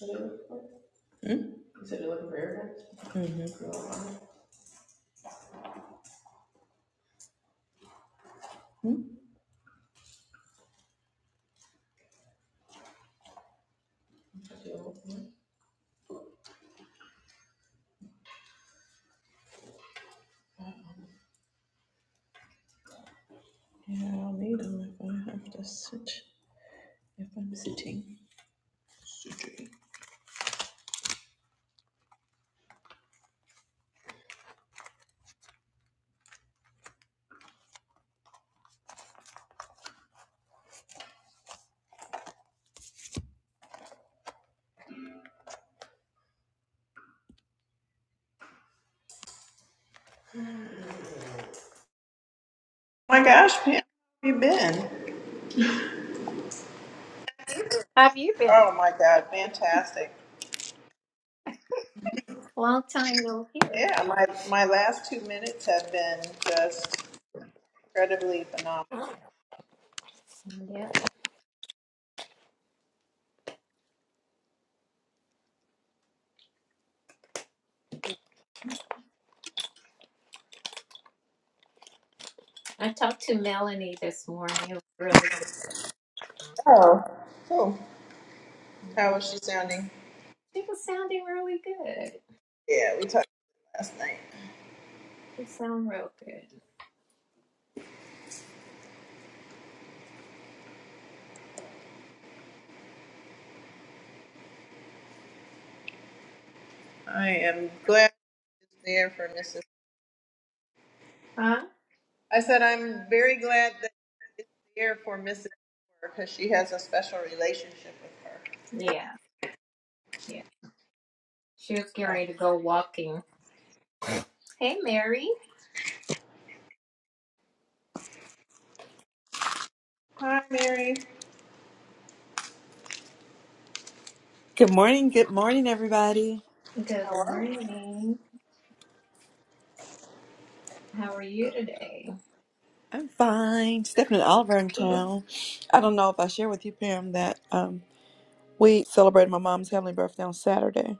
What are you looking for? Hmm? You said you're looking for airbags? hmm Hmm? Yeah, I'll need them if I have to sit, if I'm sitting. Oh My gosh, Pam, where have you been? Have you been? Oh my God, fantastic. Long time no hear. Yeah, my, my last two minutes have been just incredibly phenomenal. Awesome. Yeah. I talked to Melanie this morning. It was really Oh, cool. good. How was she sounding? She was sounding really good. Yeah, we talked last night. She sound real good. I am glad she's there for Mrs. Huh? I said, I'm very glad that it's here for Mrs. because she has a special relationship with her. Yeah. Yeah. She was getting Oh. ready to go walking. Hey, Mary. Hi, Mary. Good morning, good morning, everybody. Good morning. How are you today? I'm fine. Stephanie and Oliver in town. I don't know if I share with you, Pam, that um, we celebrated my mom's heavenly birthday on Saturday.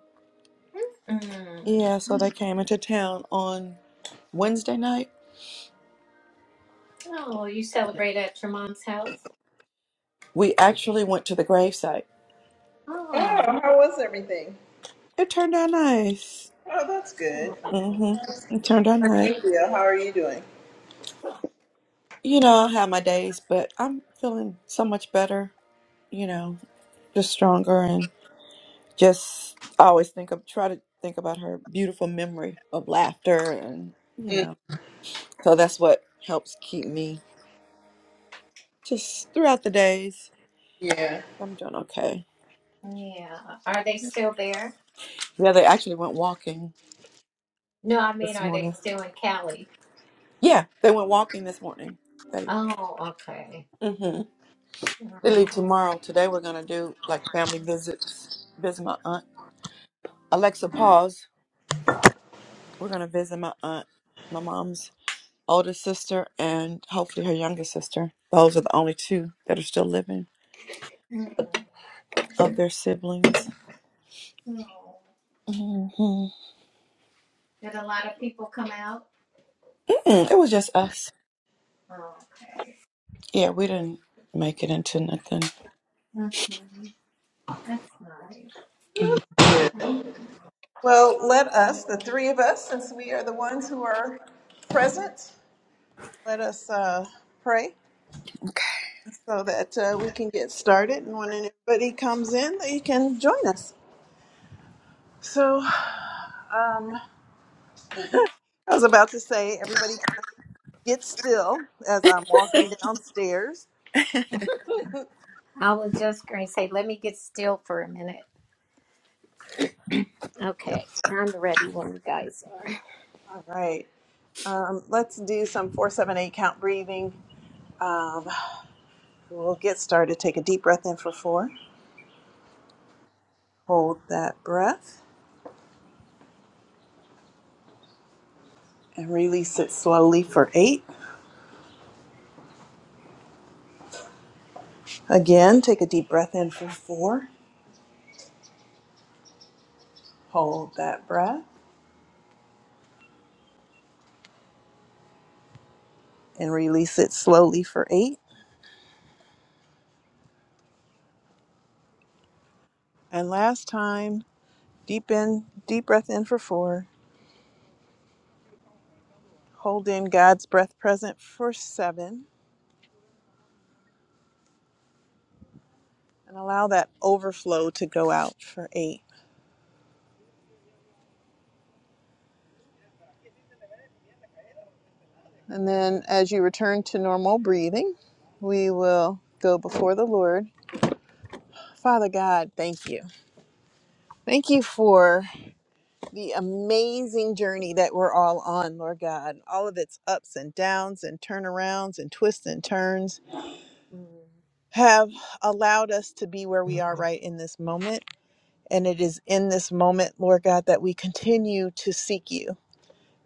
Mm. Yeah, so they came into town on Wednesday night. Oh, you celebrate at your mom's house? We actually went to the gravesite. Oh. Oh, how was everything? It turned out nice. Oh, that's good. oh, hmm It turned out How did nice. you feel? How are you doing? You know, I have my days, but I'm feeling so much better. You know, just stronger just I always think of try to think about her beautiful memory of laughter and you Mm, know so that's what helps keep me just throughout the days yeah. I'm doing okay Yeah. Are they still there? yeah they actually went walking No, I mean, this are they morning still in Cali? yeah they went walking this morning they Oh, okay. hmm they Oh. leave tomorrow today we're gonna do like family visits visit my aunt Alexa pause we're gonna visit my aunt my mom's older sister and hopefully her younger sister those are the only two that are still living Mm. of their siblings. Oh. hmm mm Did a lot of people come out? It was just us. Okay. Yeah, we didn't make it into nothing. Mm-hmm. That's nice. hmm Well, let us, the three of us, since we are the ones who are present, let us uh, pray Okay. so that uh, we can get started. And when anybody comes in, they can join us. So um, I was about to say, everybody. get still as I'm walking downstairs. I was just going to say, let me get still for a minute. Yep. Okay, I'm ready when you guys are. All right. Um, let's do some four, seven, eight count breathing. Um, we'll get started. Take a deep breath in for four. Hold that breath and release it slowly for eight. Again, take a deep breath in for four. Hold that breath and release it slowly for eight. And last time, deep in, deep breath in for four. Hold in God's breath present for seven. and allow that overflow to go out for eight. And then as you return to normal breathing, we will go before the Lord. Father God, thank you. Thank you for the amazing journey that we're all on, Lord God. All of its ups and downs and turnarounds and twists and turns Mm. have allowed us to be where we are right in this moment. And it is in this moment, Lord God, that we continue to seek you,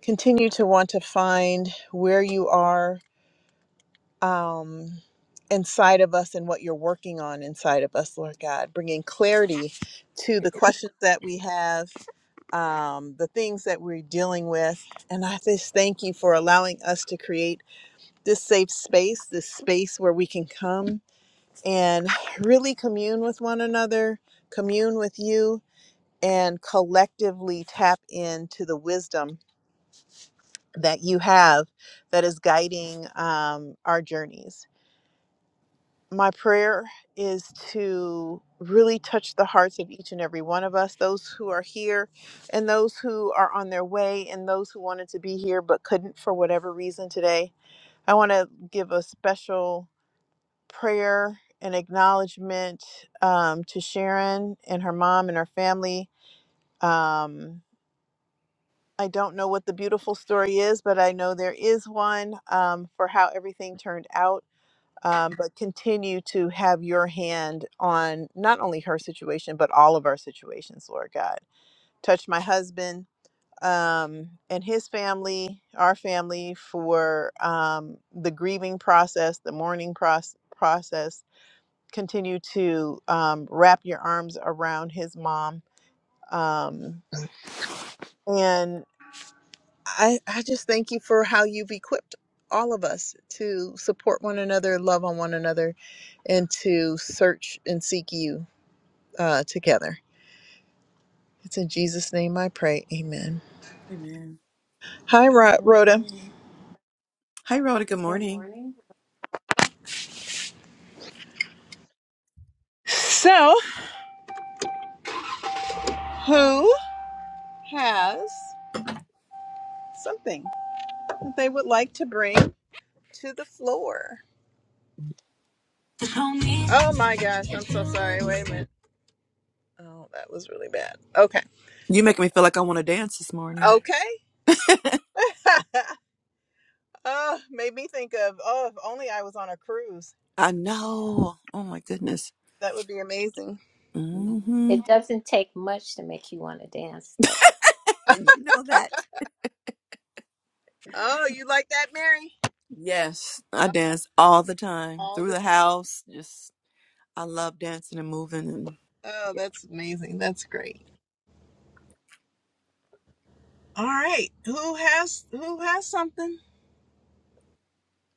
continue to want to find where you are um, inside of us and what you're working on inside of us, Lord God, bringing clarity to the questions that we have, um, the things that we're dealing with. And I just thank you for allowing us to create this safe space, this space where we can come and really commune with one another, commune with you, and collectively tap into the wisdom that you have that is guiding um, our journeys. my prayer is to really touch the hearts of each and every one of us, those who are here and those who are on their way and those who wanted to be here but couldn't for whatever reason today. I want to give a special prayer and acknowledgement um, to Sharon and her mom and her family. Um, I don't know what the beautiful story is, but I know there is one um, for how everything turned out um, but continue to have your hand on not only her situation, but all of our situations, Lord God. Touch my husband um, and his family, our family, for um, the grieving process, the mourning proce- process. Continue to um, wrap your arms around his mom. Um, and I, I just thank you for how you've equipped all of us to support one another, love on one another, and to search and seek you uh, together. It's in Jesus' name I pray. Amen. Amen. Hi, Ro- Rhoda. Mhm. Hey, Rhoda. Good Good morning. morning. So, who has something that they would like to bring to the floor? Oh my gosh, I'm so sorry. Wait a minute. Oh, that was really bad. Okay. You So, make me feel like I want to dance this morning. okay. oh, made me think of, oh, if only I was on a cruise. I know. Oh my goodness. That would be amazing. hmm It doesn't take much to make you want to dance, And you know that. Oh, you like that, Mary? Yes, I Oh, dance all the time All through this. the house. Just I love dancing and moving, and Oh, that's amazing. That's great. All right. Who has Who has something?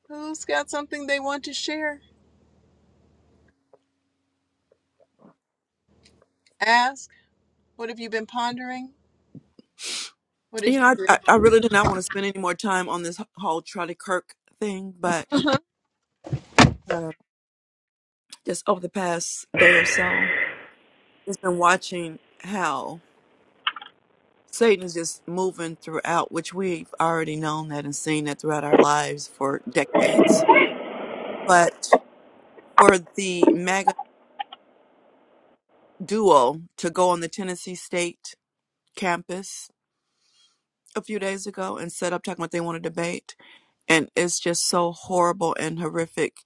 Who's got something they want to share? Ask. What have you been pondering? What did you know, I I, you? I really did not want to spend any more time on this whole Charlie Kirk thing, but Uh-huh. uh, just over the past day or so. It's been watching how Satan is just moving throughout, which we've already known that and seen that throughout our lives for decades. But for the MAGA duo to go on the Tennessee State campus a few days ago and set up talking about they want to debate, and it's just so horrible and horrific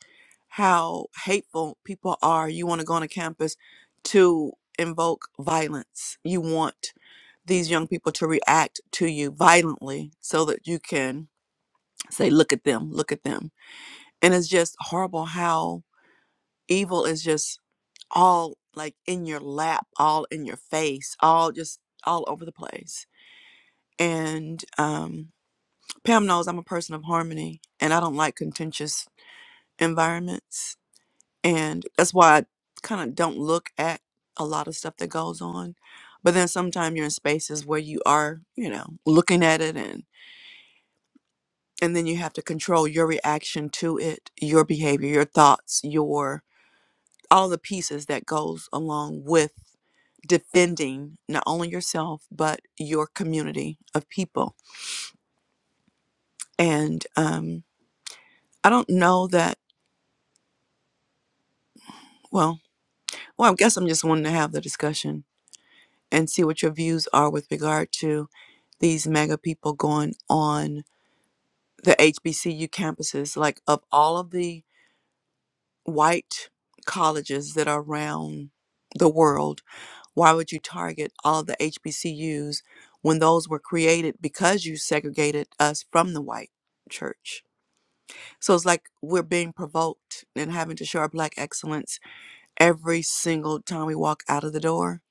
how hateful people are. You want to go on a campus to invoke violence. You want these young people to react to you violently so that you can say, look at them, look at them. And it's just horrible how evil is just all like in your lap, all in your face, all just all over the place. And um, Pam knows I'm a person of harmony and I don't like contentious environments. And that's why I kind of don't look at a lot of stuff that goes on. But then sometimes you're in spaces where you are, you know, looking at it and. and then you have to control your reaction to it your behavior your thoughts your all the pieces that goes along with defending not only yourself but your community of people and um i don't know that well well i guess i'm just wanting to have the discussion and see what your views are with regard to these mega people going on the hbcu campuses like of all of the white colleges that are around the world Why would you target all the HBCUs when those were created because you segregated us from the white church? So it's like we're being provoked and having to show our black excellence every single time we walk out of the door.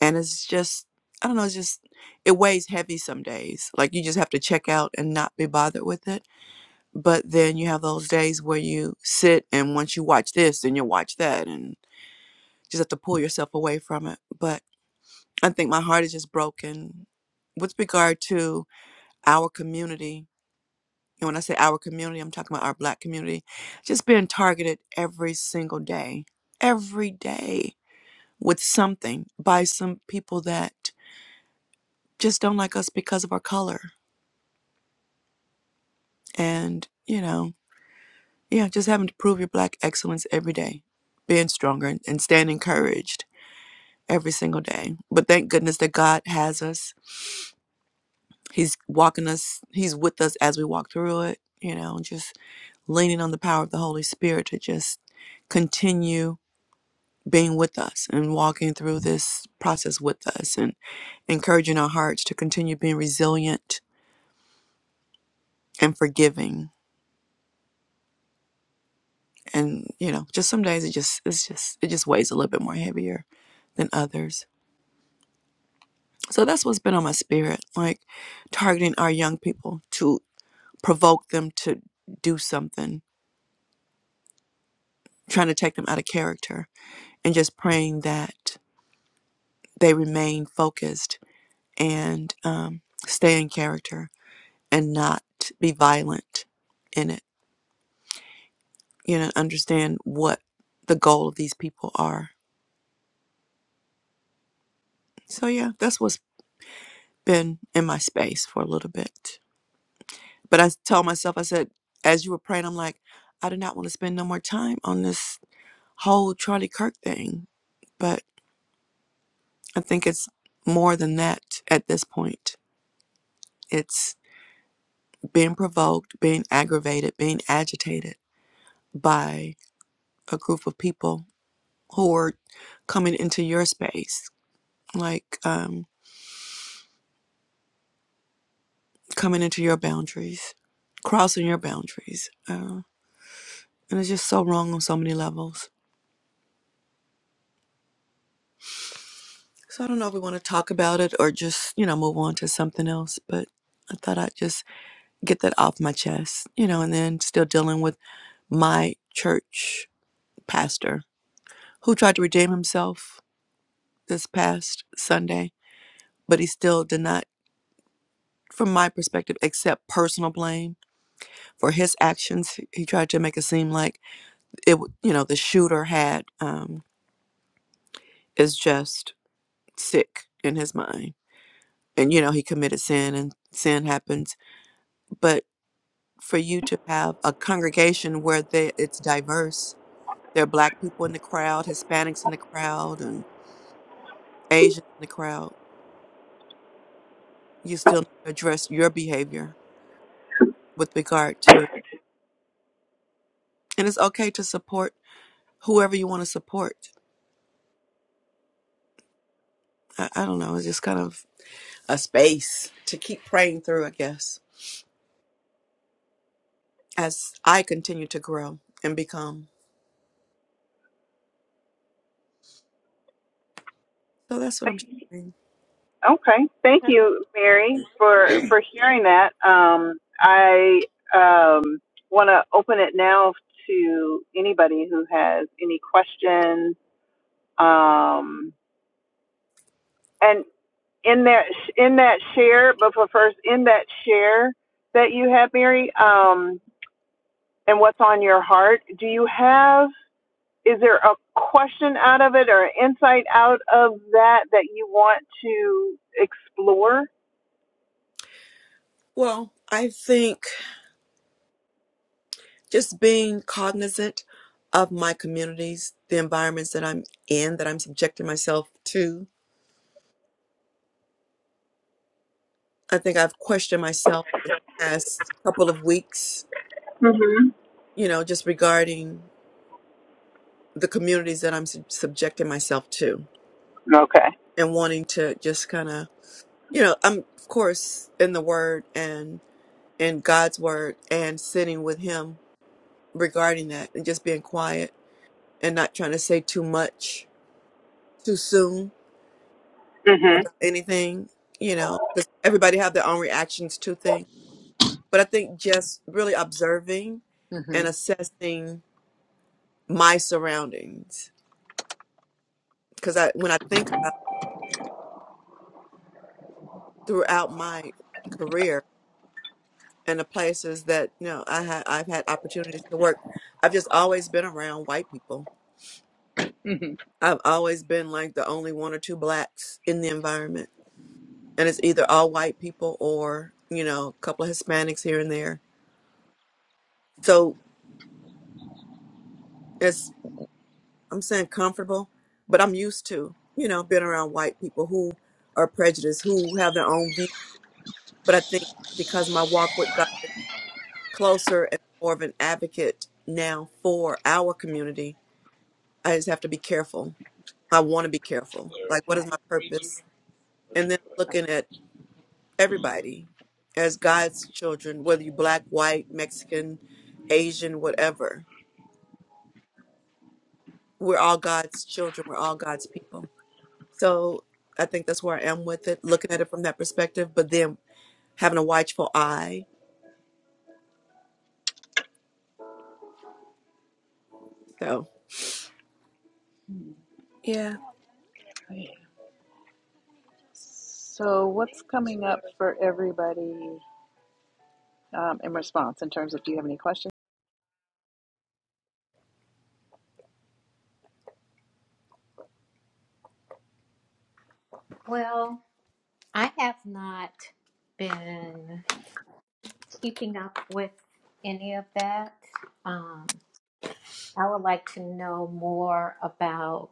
And it's just, I don't know, it's just, it weighs heavy some days. Like you just have to check out and not be bothered with it. But then you have those days where you sit and once you watch this, then you watch that and just have to pull yourself away from it. But I think my heart is just broken with regard to our community. And when I say our community, I'm talking about our black community, just being targeted every single day, every day with something by some people that just don't like us because of our color. And, you know, yeah, just having to prove your black excellence every day, being stronger and, and staying encouraged every single day. But thank goodness that God has us He's walking us, he's with us as we walk through it, you know, just leaning on the power of the Holy Spirit to just continue being with us and walking through this process with us and encouraging our hearts to continue being resilient and forgiving. And, you know, just some days it just it's just it just weighs a little bit more heavier than others. So that's what's been on my spirit, like targeting our young people to provoke them to do something, trying to take them out of character and just praying that they remain focused and um, stay in character and not be violent in it. You know, understand what the goal of these people are. So, yeah, that's what's been in my space for a little bit. But I told myself, I said, as you were praying, I'm like, I do not want to spend no more time on this whole Charlie Kirk thing. But I think it's more than that at this point. It's being provoked, being aggravated, being agitated by a group of people who are coming into your space, like um, coming into your boundaries, crossing your boundaries. Uh, and it's just so wrong on so many levels. So I don't know if we want to talk about it or just, you know, move on to something else, but I thought I'd just get that off my chest, you know, and then still dealing with my church pastor who tried to redeem himself this past Sunday but he still did not, from my perspective, accept personal blame for his actions. He tried to make it seem like it, you know, the shooter had um, is just sick in his mind, and you know he committed sin, and sin happens. But for you to have a congregation where they, it's diverse, there are black people in the crowd, Hispanics in the crowd, and Asians in the crowd. You still need to address your behavior with regard to, and it's okay to support whoever you want to support I, I don't know, it's just kind of a space to keep praying through, I guess, as I continue to grow and become. So that's what I'm sharing. Uh, Well, I think just being cognizant of my communities, the environments that I'm in, that I'm subjecting myself to. I think I've questioned myself the past couple of weeks, you know, just regarding the communities that I'm sub- subjecting myself to and wanting to just kind of, you know, I'm of course in the word and. in God's word and sitting with Him regarding that and just being quiet and not trying to say too much too soon about anything, you know, because everybody have their own reactions to things. But I think just really observing and assessing my surroundings because I when I think about throughout my career and the places that you know I ha- I've had opportunities to work, I've just always been around white people I've always been like the only one or two blacks in the environment. And it's either all white people or, you know, a couple of Hispanics here and there. So it's, I'm saying comfortable, but I'm used to, you know, being around white people who are prejudiced, who have their own view. But I think because my walk with God is closer and more of an advocate now for our community, I just have to be careful. I want to be careful. Like, what is my purpose? And then looking at everybody as God's children, whether you black, white, Mexican, Asian, whatever. We're all God's children. We're all God's people. So I think that's where I am with it, looking at it from that perspective, but then having a watchful eye. So yeah, What's coming Well, I have not been. keeping up with any of that. Um, I would like to know more about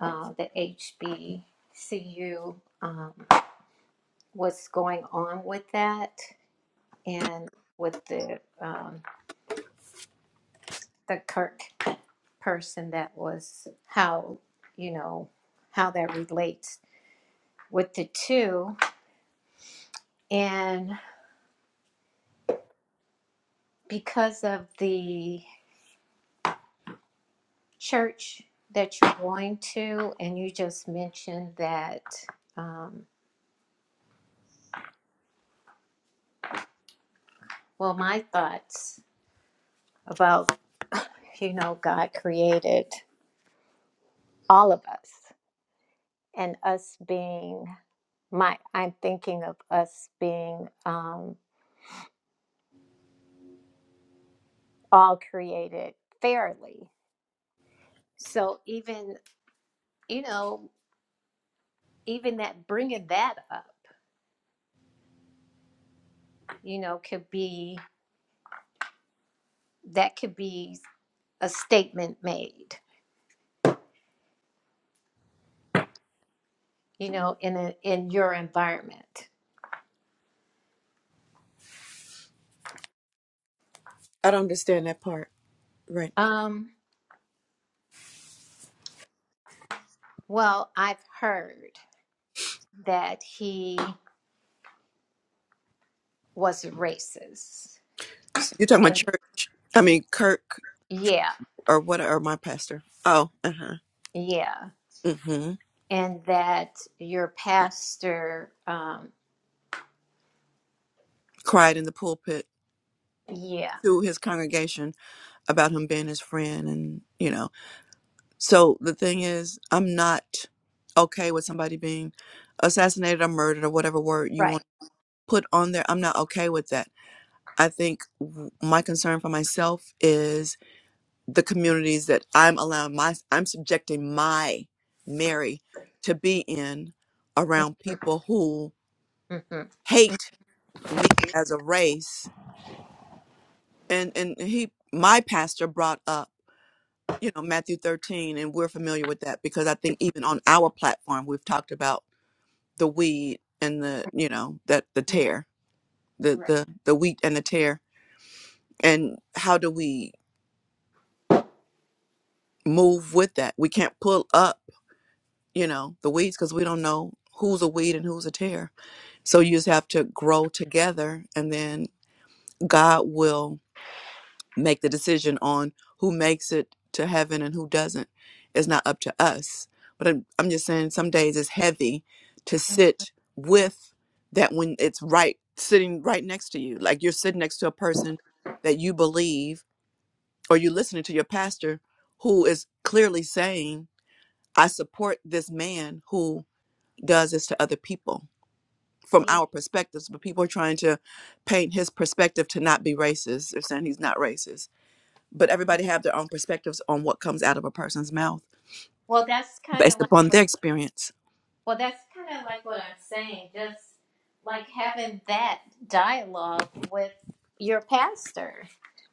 uh, the HBCU, um, what's going on with that, and with the um, the Kirk person that was how you know how that relates with the two, and because of the church that you're going to, and you just mentioned that. Um, well, my thoughts about, you know, God created all of us and us being my, I'm thinking of us being um, all created fairly. So even, you know, even that bringing that up, you know, could be, that could be a statement made, you know, in a, in your environment I don't understand that part. Right. Um, well, I've heard that he was a racist. So you're talking about And church. I mean, Kirk yeah, or what, or my pastor. Oh, uh huh. yeah. Mm hmm. And that your pastor, um, Cried in the pulpit yeah, to his congregation about him being his friend and, you know, So the thing is, I'm not okay with somebody being assassinated or murdered or whatever word you right. want to put on there. I'm not okay with that. I think w- my concern for myself is the communities that I'm allowing my, I'm subjecting my Mary to be in around people who hmm hate me as a race. And, and he, my pastor brought up, you know, Matthew 13, and we're familiar with that because I think even on our platform, we've talked about the weed and the you know that the tear the Right. the the wheat and the tear and how do we move with that we can't pull up you know the weeds because we don't know who's a weed and who's a tear so you just have to grow together and then god will make the decision on who makes it to heaven and who doesn't. It's not up to us. But I'm, I'm just saying, some days it's heavy to sit with that when it's right, sitting right next to you. Like you're sitting next to a person that you believe, or you're listening to your pastor who is clearly saying, I support this man who does this to other people from Yeah. our perspectives. But people are trying to paint his perspective to not be racist. They're saying he's not racist but everybody have their own perspectives on what comes out of a person's mouth Well, that's kind of based like. upon their experience. Well, that's kind of like what I'm saying. Just like having that dialogue with your pastor,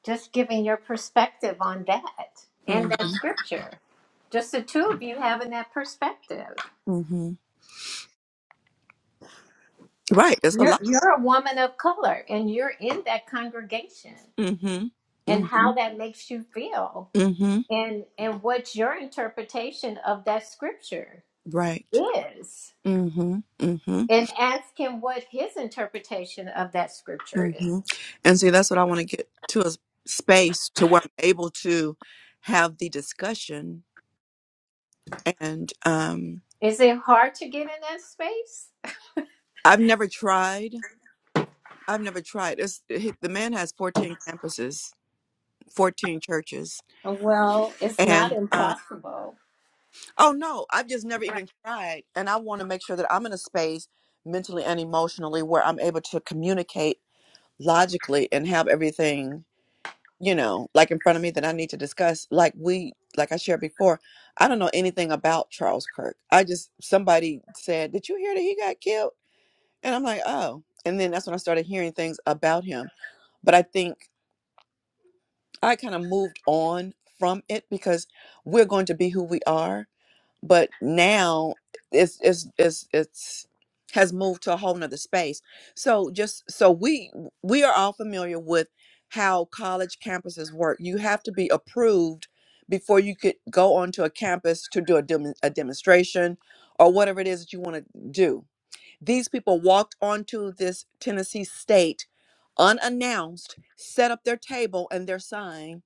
just giving your perspective on that and that Mm-hmm. scripture. Just the two of you having that perspective. Mm-hmm. Right. It's a You're lot. you're a woman of color, and you're in that congregation, Mm-hmm. and Mm-hmm. how that makes you feel, Mm-hmm. and and what your interpretation of that scripture Right. is, Mm-hmm. Mm-hmm. and ask him what his interpretation of that scripture is. Mm-hmm. And see, that's what I want to get to a s- space to where I'm able to have the discussion. And um, Is it hard to get in that space? I've never tried. I've never tried. It's, he- the man has 14 campuses, 14 churches, Well, it's not and impossible. Oh no, I've just never Right. even tried. And I want to make sure that I'm in a space mentally and emotionally where I'm able to communicate logically and have everything, you know, like in front of me that I need to discuss. Like we like I shared before, I don't know anything about Charles Kirk. I just somebody said, Did you hear that he got killed? And I'm like, Oh. And then that's when I started hearing things about him. But I think I kind of moved on from it because we're going to be who we are but now it's it's it's it's has moved to a whole nother space so just so we we are all familiar with how college campuses work you have to be approved before you could go onto a campus to do a, dem- a demonstration or whatever it is that you want to do these people walked onto this tennessee state unannounced set up their table and their sign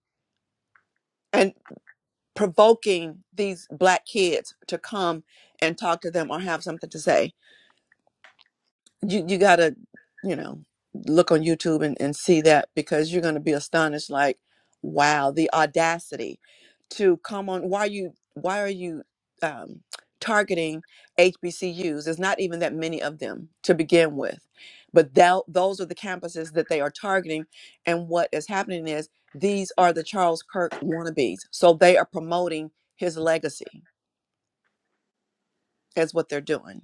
provoking these black kids to come and talk to them or have something to say you you gotta you know look on youtube and, and see that because you're gonna be astonished like wow the audacity to come on why you why are you um, targeting hbcus there's not even that many of them to begin with but thou- those are the campuses that they are targeting and what is happening is these are the charles kirk wannabes so they are promoting his legacy is what they're doing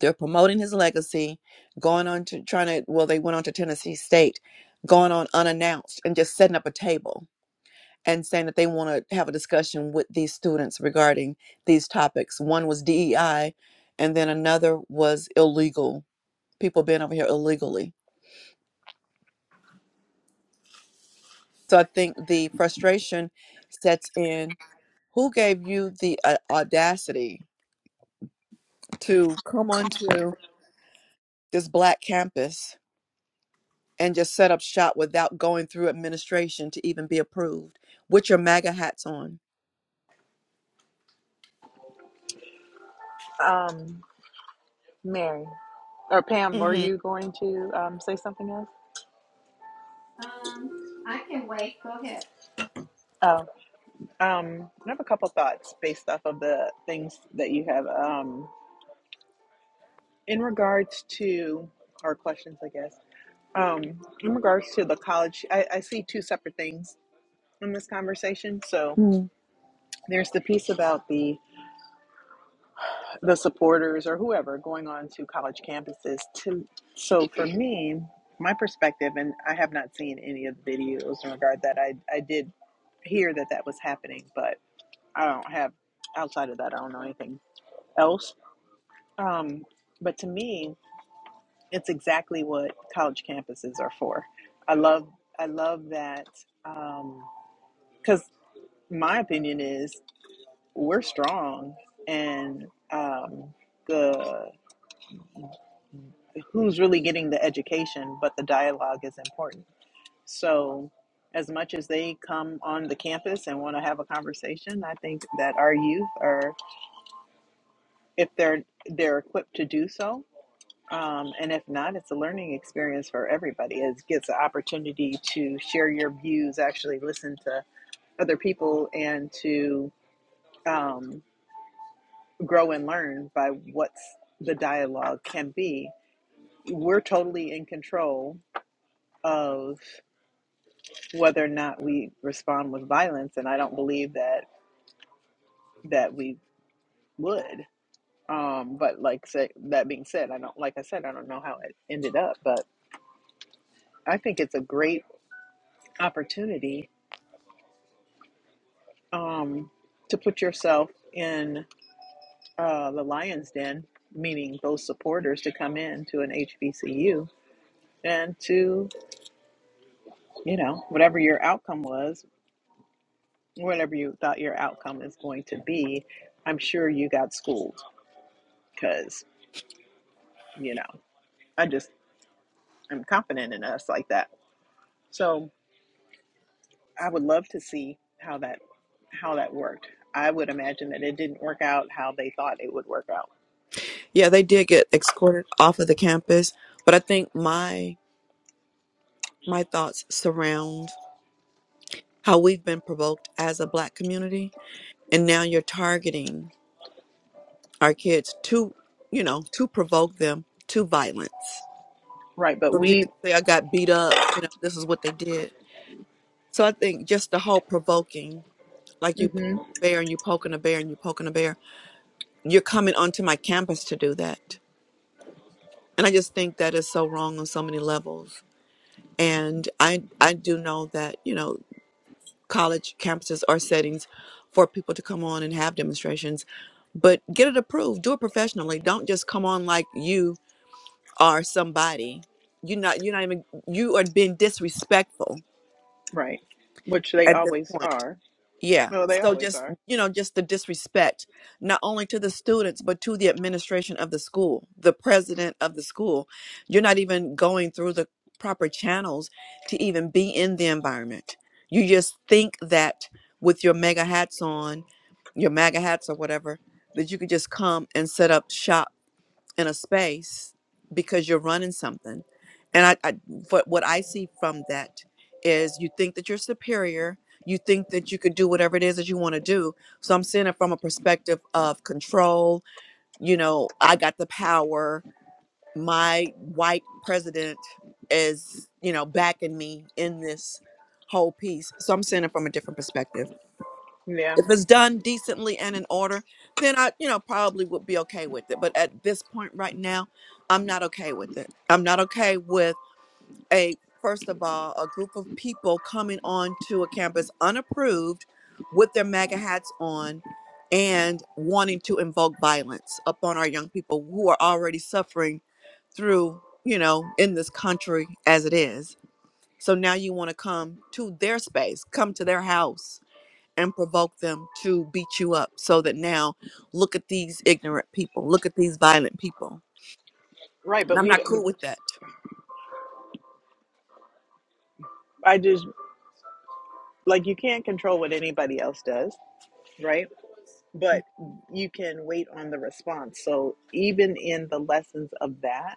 They're promoting his legacy, going on to trying to, well, they went on to Tennessee State, going on unannounced and just setting up a table and saying that they want to have a discussion with these students regarding these topics. One was DEI, and then another was illegal, people being over here illegally. So I think the frustration sets in. Who gave you the uh, audacity to come onto this black campus and just set up shop without going through administration to even be approved with your MAGA hats on. hmm up? Um, I can wait. Go ahead. Oh, um, I have a couple thoughts based off of the things that you have. Um, in regards to our questions, I guess. Um, in regards to the college, I, I see two separate things in this conversation. So Mm. There's the piece about the the supporters or whoever going on to college campuses to so for me, my perspective and I have not seen any of the videos in regard to that I I did hear that that was happening, but I don't have outside of that I don't know anything else. Um but to me, it's exactly what college campuses are for. I love I love that um cuz my opinion is we're strong and um, the who's really getting the education, but the dialogue is important. So, as much as they come on the campus and want to have a conversation, I think that our youth are, if they're they're equipped to do so, um, and if not, it's a learning experience for everybody. It gets an opportunity to share your views, actually listen to other people, and to um, grow and learn by what's the dialogue can be. We're totally in control of whether or not we respond with violence and i don't believe that that we would um but like say, that being said i don't like i said i don't know how it ended up but i think it's a great opportunity um to put yourself in uh the lion's den meaning those supporters to come in to an hbcu and to you know whatever your outcome was whatever you thought your outcome is going to be i'm sure you got schooled because you know I just I'm confident in us like that. So I would love to see how that how that worked. I would imagine that it didn't work out how they thought it would work out. Yeah, they did get escorted off of the campus, but I think my my thoughts surround how we've been provoked as a black community, and now you're targeting our kids to, you know, to provoke them to violence. Right, but So that you we can say I got beat up, you know, this is what they did. So I think just the whole provoking, like you mm poke hmm a bear and you poking a bear and you poking a bear. you're coming onto my campus to do that. And I just think that is so wrong on so many levels. And I I do know that, you know, college campuses are settings for people to come on and have demonstrations, but get it approved. Do it professionally. Don't just come on like you are somebody. You're not you're not even you are being disrespectful right, which they at this always point. are. Yeah. No, they So always just, are. you know, just the disrespect, not only to the students, but to the administration of the school, the president of the school. You're not even going through the proper channels to even be in the environment. You just think that with your mega hats on, your MAGA hats or whatever, that you could just come and set up shop in a space because you're running something. And I, I what what I see from that is you think that you're superior, you think that you could do whatever it is that you want to do. So I'm seeing it from a perspective of control, you know, I got the power, my white president is, you know, backing me in this whole piece. So I'm seeing it from a different perspective Yeah, if it's done decently and in order then i you know probably would be okay with it but at this point right now i'm not okay with it i'm not okay with a first of all a group of people coming on to a campus unapproved with their maga hats on and wanting to invoke violence upon our young people who are already suffering through you know in this country as it is so now you want to come to their space come to their house and provoke them to beat you up so that now look at these ignorant people, look at these violent people. right, And but I'm we not cool with that. I just like you can't control what anybody else does, right? Mm. But you can wait on the response. So even in the lessons of that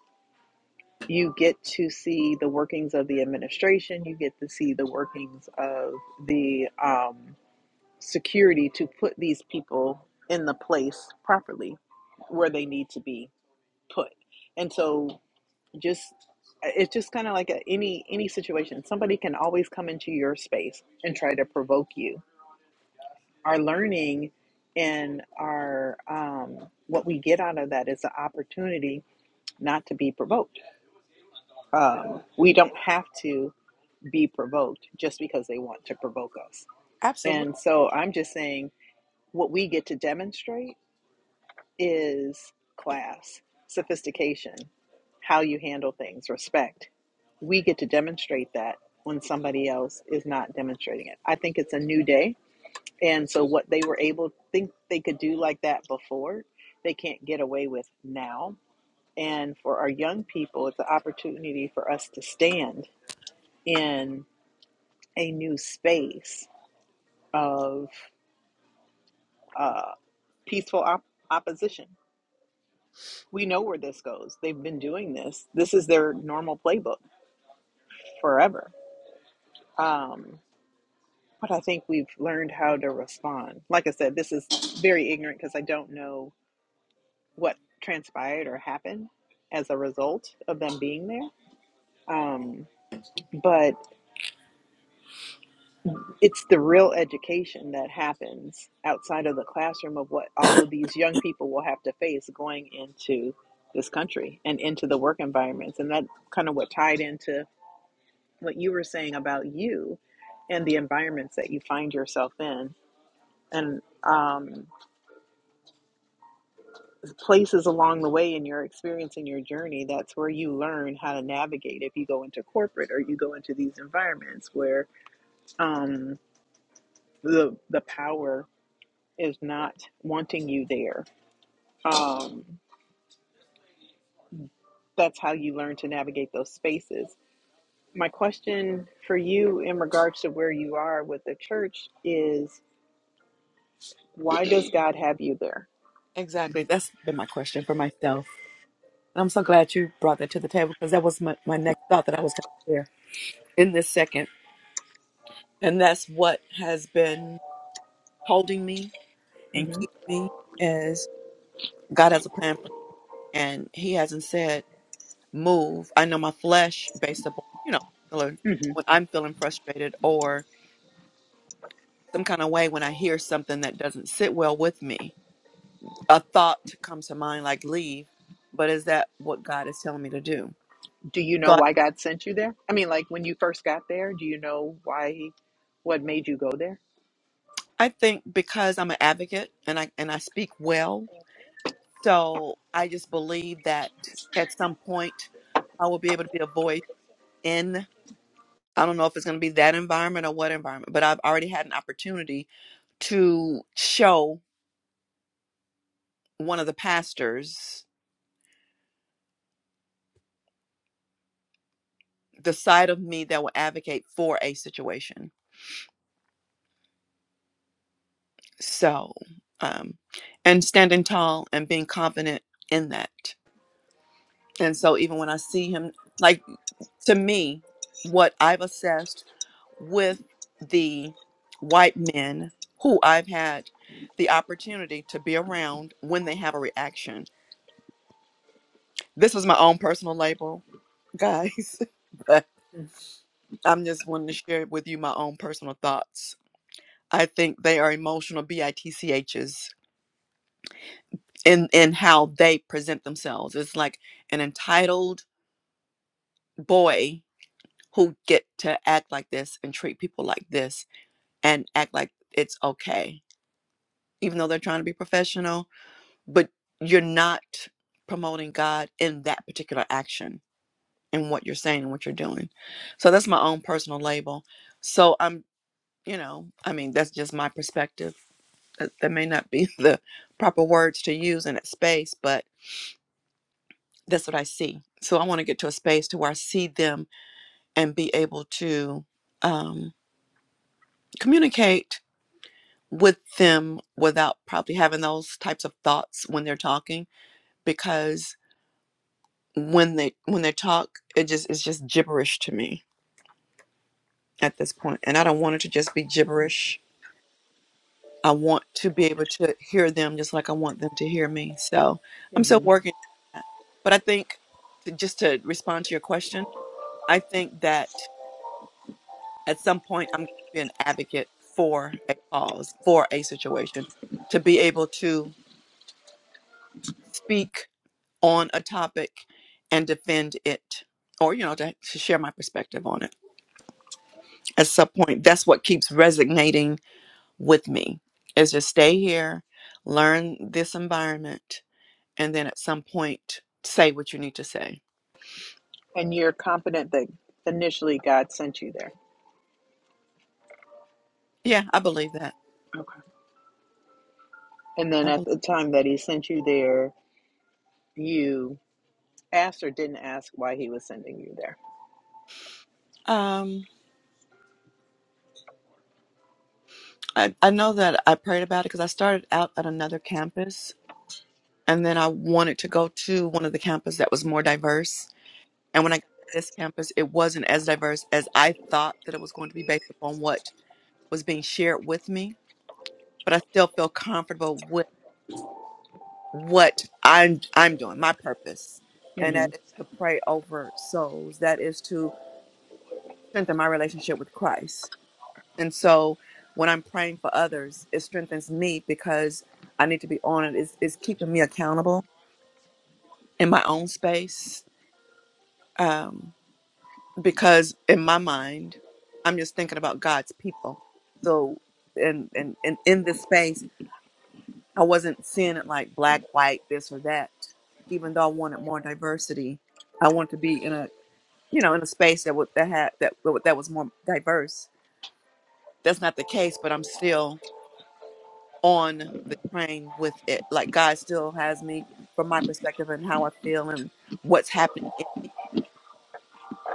you get to see the workings of the administration. You get to see the workings of the um, security to put these people in the place properly where they need to be put. And so, just it's just kind of like a, any any situation. Somebody can always come into your space and try to provoke you. Our learning and our um, what we get out of that is the opportunity not to be provoked. Um, we don't have to. be provoked just because they want to provoke us. Absolutely. And so I'm just saying what we get to demonstrate is class, sophistication, how you handle things, respect. We get to demonstrate that when somebody else is not demonstrating it. I think it's a new day. And so what they were able to think they could do like that before, they can't get away with now. And for our young people, it's an opportunity for us to stand in a new space of uh, peaceful op- opposition. We know where this goes. They've been doing this. This is their normal playbook forever. Um, but I think we've learned how to respond. Like I said, this is very ignorant because I don't know what transpired or happened as a result of them being there. Um, but it's the real education that happens outside of the classroom of what all of these young people will have to face going into this country and into the work environments and that kind of what tied into what you were saying about you and the environments that you find yourself in and um, places along the way in your experience in your journey that's where you learn how to navigate if you go into corporate or you go into these environments where um, the the power is not wanting you there um, that's how you learn to navigate those spaces. My question for you in regards to where you are with the church is why does God have you there? Exactly. That's been my question for myself. And I'm so glad you brought that to the table because that was my, my next thought that I was going to share in this second. And that's what has been holding me and hmm keep me as God has a plan for me. And He hasn't said move. I know my flesh, based upon you know feeling- hmm when I'm feeling frustrated or some kind of way when I hear something that doesn't sit well with me, a thought comes to mind like leave. But is that what God is telling me to do? Do you So know I, why God sent you there? I mean, like when you first got there, do you know why, what made you go there? I think because I'm an advocate and I and I speak well, so I just believe that at some point I will be able to be a voice in. I don't know if it's going to be that environment or what environment, but I've already had an opportunity to show one of the pastors the side of me that will advocate for a situation. So, um, and standing tall and being confident in that. And so, even when I see him, like to me, what I've assessed with the white men who I've had the opportunity to be around when they have a reaction, this is my own personal label guys, but I'm just wanting to share with you my own personal thoughts. I think they are emotional BITCHES in in how they present themselves. It's like an entitled boy who get to act like this and treat people like this and act like it's okay, even though they're trying to be professional. But you're not promoting God in that particular action and what you're saying and what you're doing. So that's my own personal label. So I'm you know i mean that's just my perspective that, that may not be the proper words to use in that space but that's what i see so i want to get to a space to where i see them and be able to um, communicate with them without probably having those types of thoughts when they're talking because when they when they talk it just it's just gibberish to me at this point and i don't want it to just be gibberish I want to be able to hear them just like I want them to hear me. So I'm still hmm working on that. But I think, to, just to respond to your question, I think that at some point I'm going to be an advocate for a cause, for a situation, to be able to speak on a topic and defend it, or, you know, to, to share my perspective on it. At some point, that's what keeps resonating with me is to stay here, learn this environment and then at some point say what you need to say. And you're confident that initially God sent you there. Yeah, I believe that. Okay. And then I at believe. the time that He sent you there, you asked or didn't ask why He was sending you there. Um, I I know that I prayed about it because I started out at another campus, and then I wanted to go to one of the campus that was more diverse. And when I got to this campus, it wasn't as diverse as I thought that it was going to be based upon what was being shared with me. But I still feel comfortable with what I'm I'm doing, my purpose, and hmm that is to pray over souls. That is to strengthen my relationship with Christ And so when I'm praying for others, it strengthens me because I need to be on it. It's, it's keeping me accountable in my own space um, because in my mind, I'm just thinking about God's people. So, and, and, and in this space, I wasn't seeing it like black, white, this or that. Even though I wanted more diversity, I wanted to be in a, you know, in a space that would, that had, that, that was more diverse. That's not the case, but I'm still on the train with it. Like God still has me from my perspective and how I feel and what's happening in me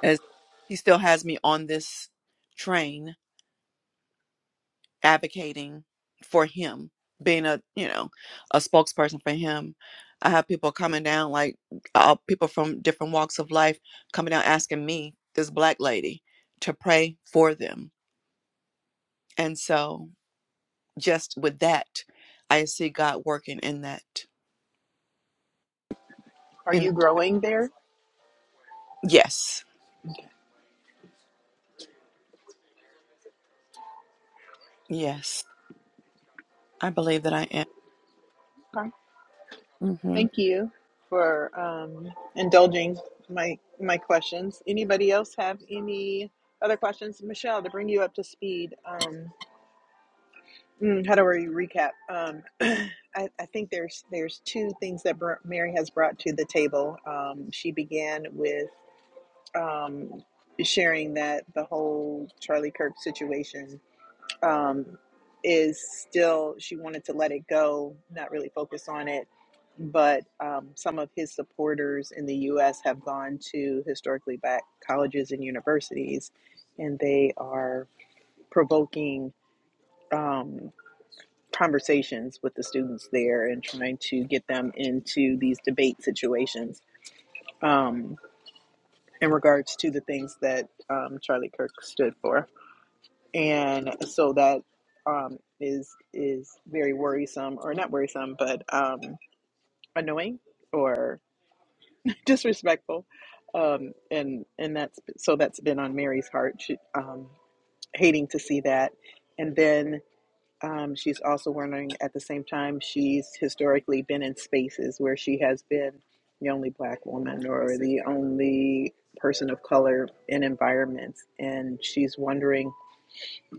as he still has me on this train advocating for him, being a, you know, a spokesperson for him. I have people coming down like uh, people from different walks of life coming down asking me, this black lady, to pray for them. And so just with that, I see God working in that. Are And you growing there? yes. Yes, I believe that I am. hmm Thank you for um, indulging my my questions. Anybody else have any other questions, Michelle? To bring you up to speed, um, mm, how do we recap? Um, I, I think there's there's two things that Br- Mary has brought to the table. Um, she began with um, sharing that the whole Charlie Kirk situation um, is still she wanted to let it go, not really focus on it. But um, some of his supporters in the U.S. have gone to historically black colleges and universities, and they are provoking um, conversations with the students there and trying to get them into these debate situations um, in regards to the things that um, Charlie Kirk stood for. and so that um, is is very worrisome, or not worrisome, but um, annoying or disrespectful. Um, and and that's so that's been on Mary's heart, she, um, hating to see that. And then um, she's also wondering at the same time she's historically been in spaces where she has been the only black woman or the only person of color in environments, and she's wondering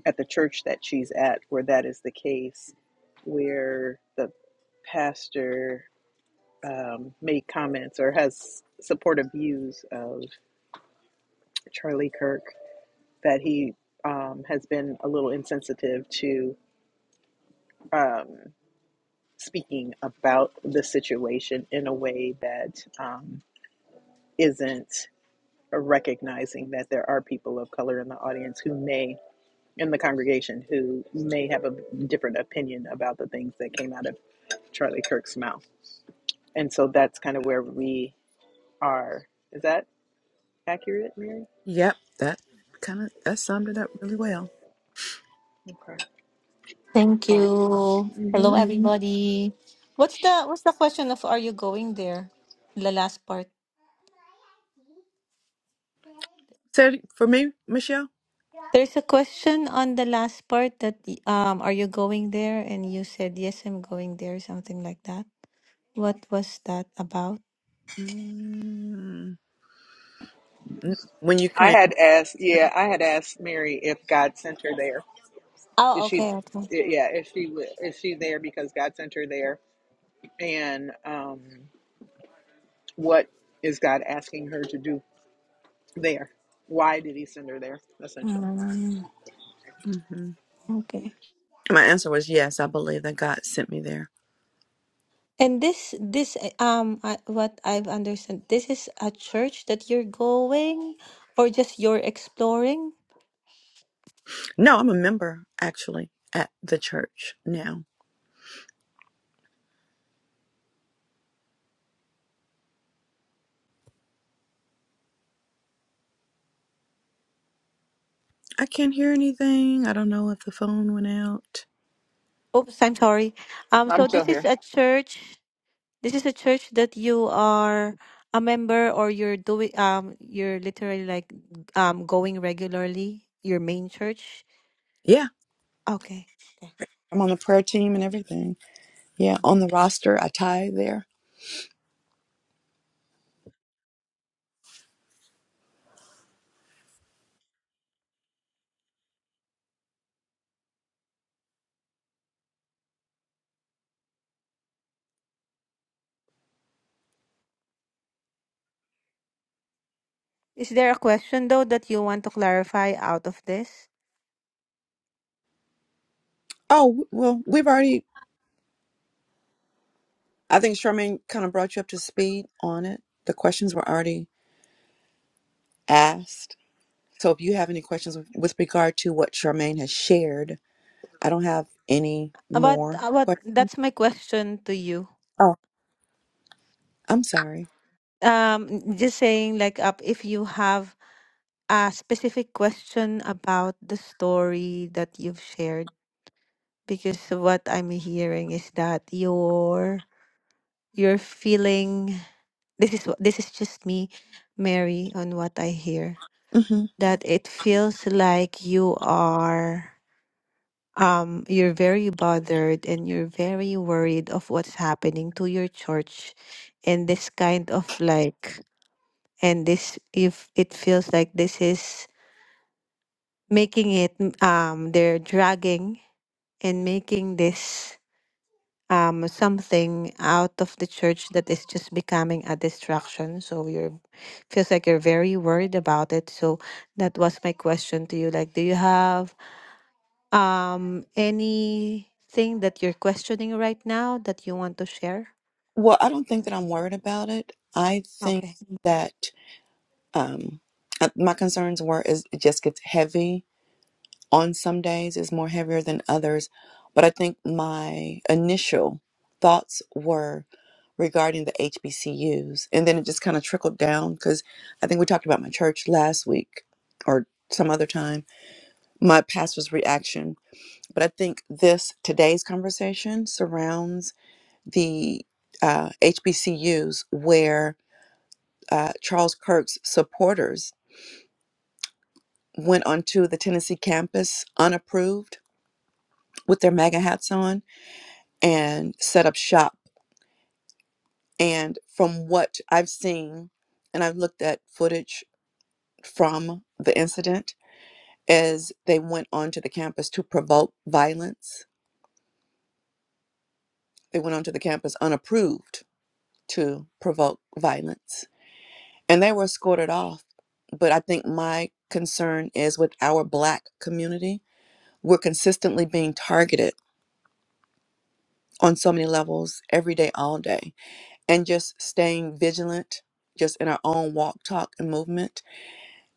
at the church that she's at where that is the case, where the pastor um, made comments or has supportive views of Charlie Kirk, that he um, has been a little insensitive to um, speaking about the situation in a way that um, isn't recognizing that there are people of color in the audience who may in the congregation who may have a different opinion about the things that came out of Charlie Kirk's mouth. And so that's kind of where we are. Is that accurate, Mary? Yep, that kind of that summed it up really well. Thank you. Hello, everybody. What's the what's the question of are you going there? The last part. So for me, Michelle, There's a question on the last part that um are you going there and you said yes I'm going there something like that. What was that about? mm, n- when you I came, had asked, yeah, I had asked Mary if God sent her there. Is Oh, she, okay, okay. yeah, is she is she there because God sent her there? And um, what is God asking her to do there? Why did He send her there? Essentially, Mm, hmm okay. my answer was yes. I believe that God sent me there. And this this uh, um I, what I've understood this is a church that you're going or just you're exploring? No, I'm a member actually at the church now. I can't hear anything. I don't know if the phone went out. Oops, I'm sorry. Um, I'm so still this is here. a church. This is a church that you are a member, or you're doing. Um, you're literally like um going regularly. Your main church. Yeah, Okay. okay. I'm on the prayer team and everything. Yeah, on the roster, I tie there. Is there a question though that you want to clarify out of this? Oh, well, we've already, I think Charmaine kind of brought you up to speed on it. The questions were already asked. So if you have any questions with with regard to what Charmaine has shared, I don't have any About more about questions. that's my question to you. Oh, I'm sorry. Um, just saying like up if you have a specific question about the story that you've shared because what I'm hearing is that you're you're feeling this is what this is just me, Mary, on what I hear hmm that it feels like you are um you're very bothered and you're very worried of what's happening to your church and this kind of like and this if it feels like this is making it mm, um they're dragging In making this um, something out of the church that is just becoming a distraction. So you're feels like you're very worried about it. So that was my question to you. Like, do you have um anything that you're questioning right now that you want to share? Well, I don't think that I'm worried about it. I think Okay. that um, uh, my concerns were is it just gets heavy on some days is more heavier than others. But I think my initial thoughts were regarding the HBCUs. And then it just kind of trickled down because I think we talked about my church last week or some other time, my pastor's reaction. But I think this, today's conversation surrounds the uh, HBCUs where uh, Charles Kirk's supporters went onto the Tennessee campus unapproved with their MAGA hats on and set up shop. And from what I've seen, and I've looked at footage from the incident, is they went onto the campus to provoke violence. They went onto the campus unapproved to provoke violence. And they were escorted off. But I think my concern is with our Black community, we're consistently being targeted on so many levels every day, all day. And just staying vigilant, just in our own walk, talk, and movement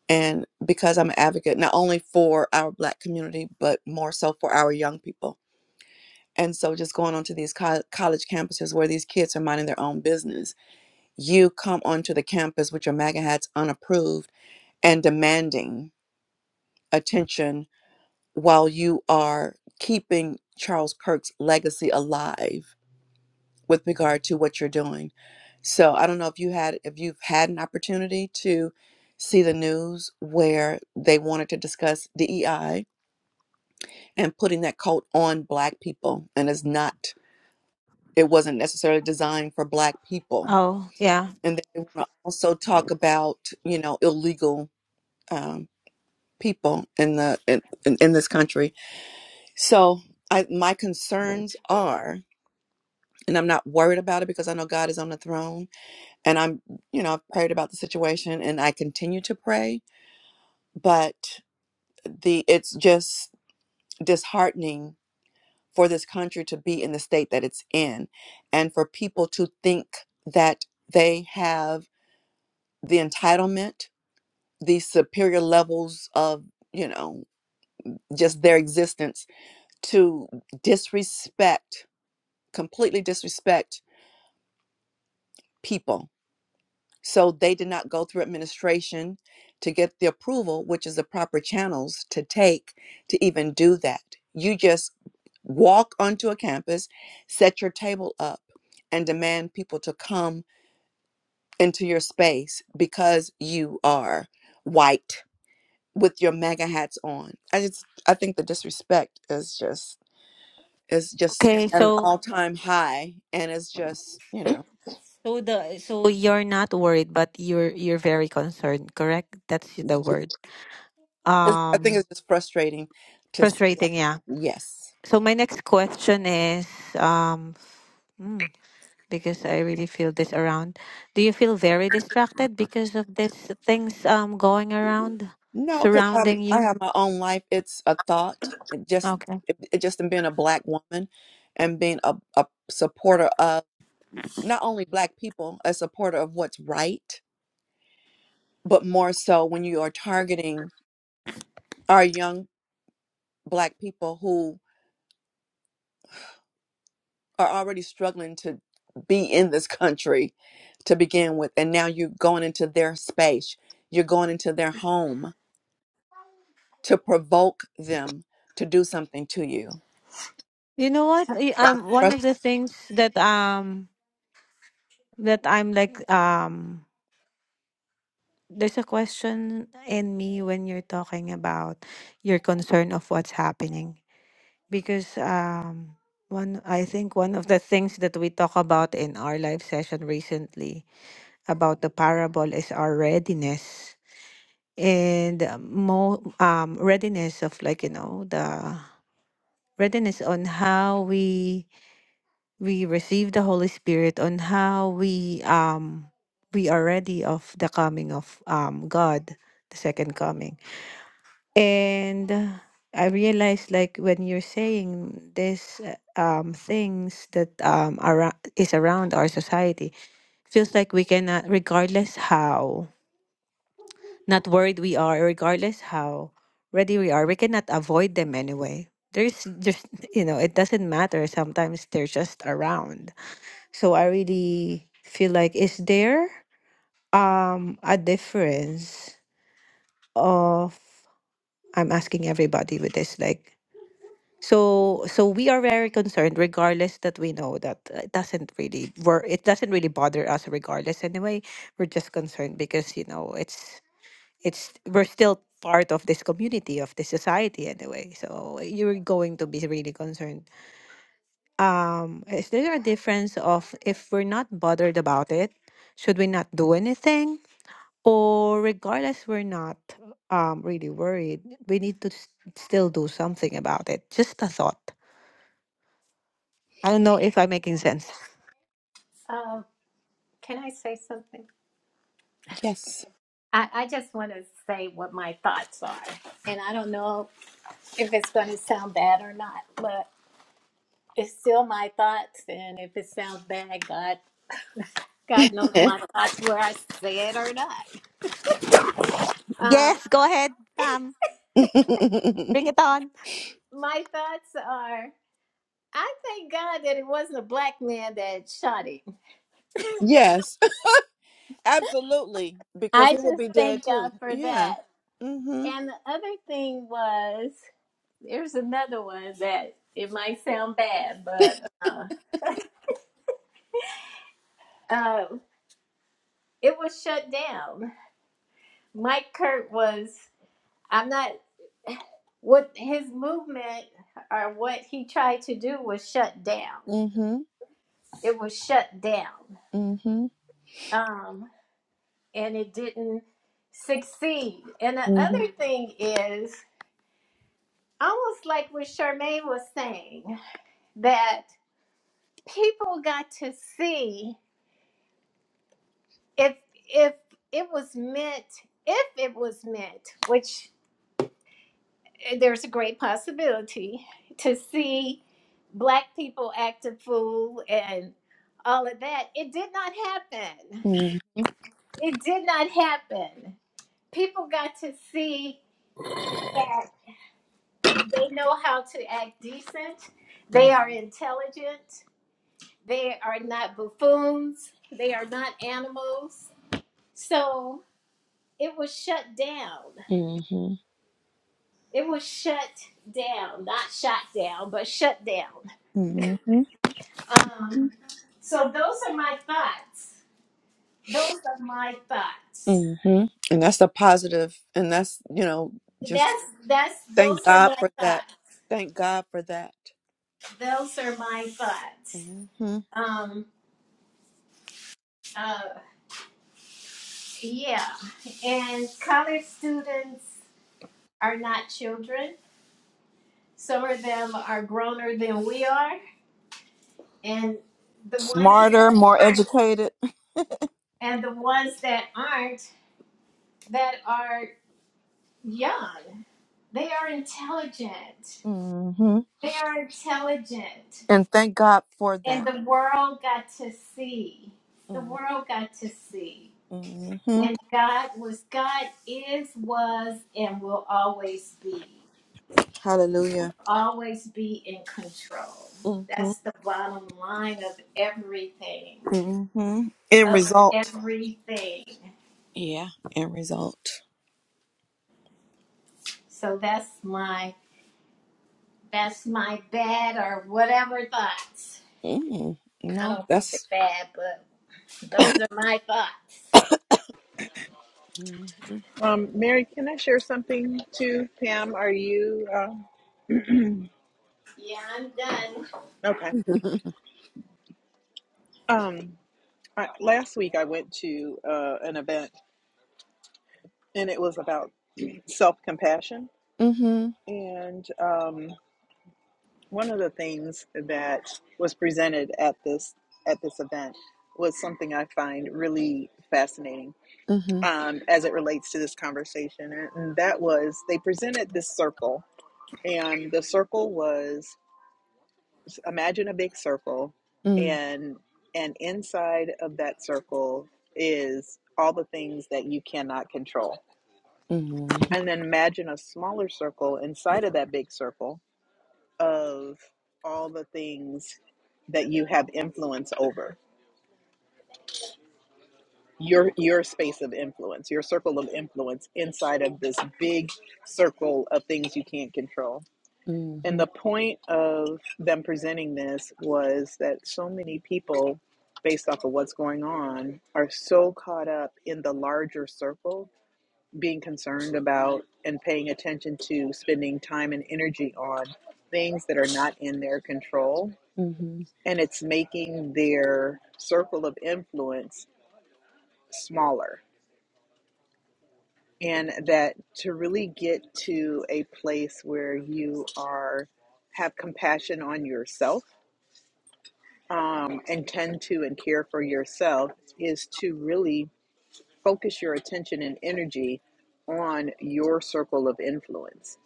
and because I'm an advocate not only for our Black community, but more so for our young people. And so, just going onto these co- college campuses where these kids are minding their own business, you come onto the campus with your MAGA hats unapproved and demanding attention while you are keeping Charles Kirk's legacy alive with regard to what you're doing. So, I don't know if you had if you've had an opportunity to see the news where they wanted to discuss DEI and putting that coat on black people and it's not it wasn't necessarily designed for black people Oh, yeah. and then they want to also talk about you know illegal um, people in the in, in in this country so I, my concerns are and i'm not worried about it because i know god is on the throne and i'm you know i've prayed about the situation and i continue to pray but the it's just disheartening for this country to be in the state that it's in and for people to think that they have the entitlement, the superior levels of, you know, just their existence to disrespect, completely disrespect people. So they did not go through administration to get the approval, which is the proper channels to take to even do that. You just walk onto a campus, set your table up, and demand people to come into your space because you are white with your mega hats on. I just I think the disrespect is just is just Okay. at an So all time high, and it's just you know so the so you're not worried, but you're you're very concerned, correct? That's y- the word. it's, I think Um, it's just frustrating to see that. frustrating. Yeah. Yes, So my next question is, um, mm, because I really feel this around. Do you feel very distracted because of these things um going around, no, because I'm surrounding I you? have my own life. It's a thought. It just Okay. it, it just in being a black woman and being a, a supporter of not only black people, a supporter of what's right but more so when you are targeting our young black people who are already struggling to be in this country to begin with and now you're going into their space you're going into their home to provoke them to do something to you You know what? I- That's Um, one frus- of the things that um that I'm like um there's a question in me when you're talking about your concern of what's happening because um one I think one of the things that we talk about in our live session recently about the parable is our readiness and uh, mo um readiness of like you know the readiness on how we we receive the Holy Spirit on how we um we are ready of the coming of um God the second coming and uh, I realized like when you're saying this uh, um things that um around is around our society feels like we cannot regardless how Not worried we are, regardless how ready we are, we cannot avoid them anyway. There's just, you know, it doesn't matter. Sometimes they're just around. So I really feel like, is there um a difference of, I'm asking everybody with this, like, so so we are very concerned regardless that we know that it doesn't really work it doesn't really bother us regardless anyway we're just concerned because you know it's it's we're still part of this community of this society anyway so you're going to be really concerned um is there a difference of if we're not bothered about it should we not do anything or regardless we're not um really worried we need to s- still do something about it just a thought i don't know if i'm making sense Um, can I say something? yes I, I just want to say what my thoughts are. And I don't know if it's going to sound bad or not, but it's still my thoughts. And if it sounds bad, God, God knows my thoughts, where I say it or not. Um, yes go ahead pam bring it on my thoughts are I thank God that it wasn't a black man that shot him. yes absolutely because I he would just be dead thank too God for yeah that. mm-hmm And the other thing was, there's another one that it might sound bad, but uh, uh, it was shut down. Mike Kurt was, I'm not, what his movement or what he tried to do was shut down. mm-hmm It was shut down. mm-hmm Um, and it didn't succeed. And the mm-hmm other thing is, almost like what Charmaine was saying, that people got to see if if it was meant if it was meant which eh, there's a great possibility to see black people act a fool and all of that it did not happen mm-hmm it did not happen people got to see that they know how to act decent mm-hmm they are intelligent they are not buffoons they are not animals so it was shut down. Mm-hmm. It was shut down, not shot down, but shut down. mm-hmm. Um, so those are my thoughts. Those are my thoughts. hmm And that's a positive, and that's you know just That's that's thank those are God my for that. thoughts. Thank God for that. Those are my thoughts. hmm Um, uh, yeah, and college students are not children. Some of them are growner than we are, and the ones Smarter, that more aren't, educated, and the ones that aren't, that are young. They are intelligent. hmm They are intelligent. and thank God for And that. the world got to see. The hmm world got to see. And God was, God is, was, and will always be. Hallelujah. Always be in control. hmm That's the bottom line of everything. hmm End Of result. everything. Yeah, end result. So that's my that's my bad or whatever thoughts. mm I No, don't think they're that's. bad, but Those are my thoughts. hmm Um, Mary, can I share something too? Pam, are you uh, Yeah, I'm done. okay? Um, I, last week I went to uh, an event and it was about self compassion. Mm-hmm. And um, one of the things that was presented at this at this event was something I find really fascinating Mm-hmm. um, as it relates to this conversation, and and that was they presented this circle, and the circle was imagine a big circle, and and inside of that circle is all the things that you cannot control. Mm-hmm. And then imagine a smaller circle inside of that big circle of all the things that you have influence over your your space of influence your circle of influence inside of this big circle of things you can't control and the point of them presenting this was that so many people based off of what's going on are so caught up in the larger circle being concerned about and paying attention to spending time and energy on things that are not in their control Mm-hmm. and it's making their circle of influence smaller. And that to really get to a place where you are have compassion on yourself um, and tend to and care for yourself is to really focus your attention and energy on your circle of influence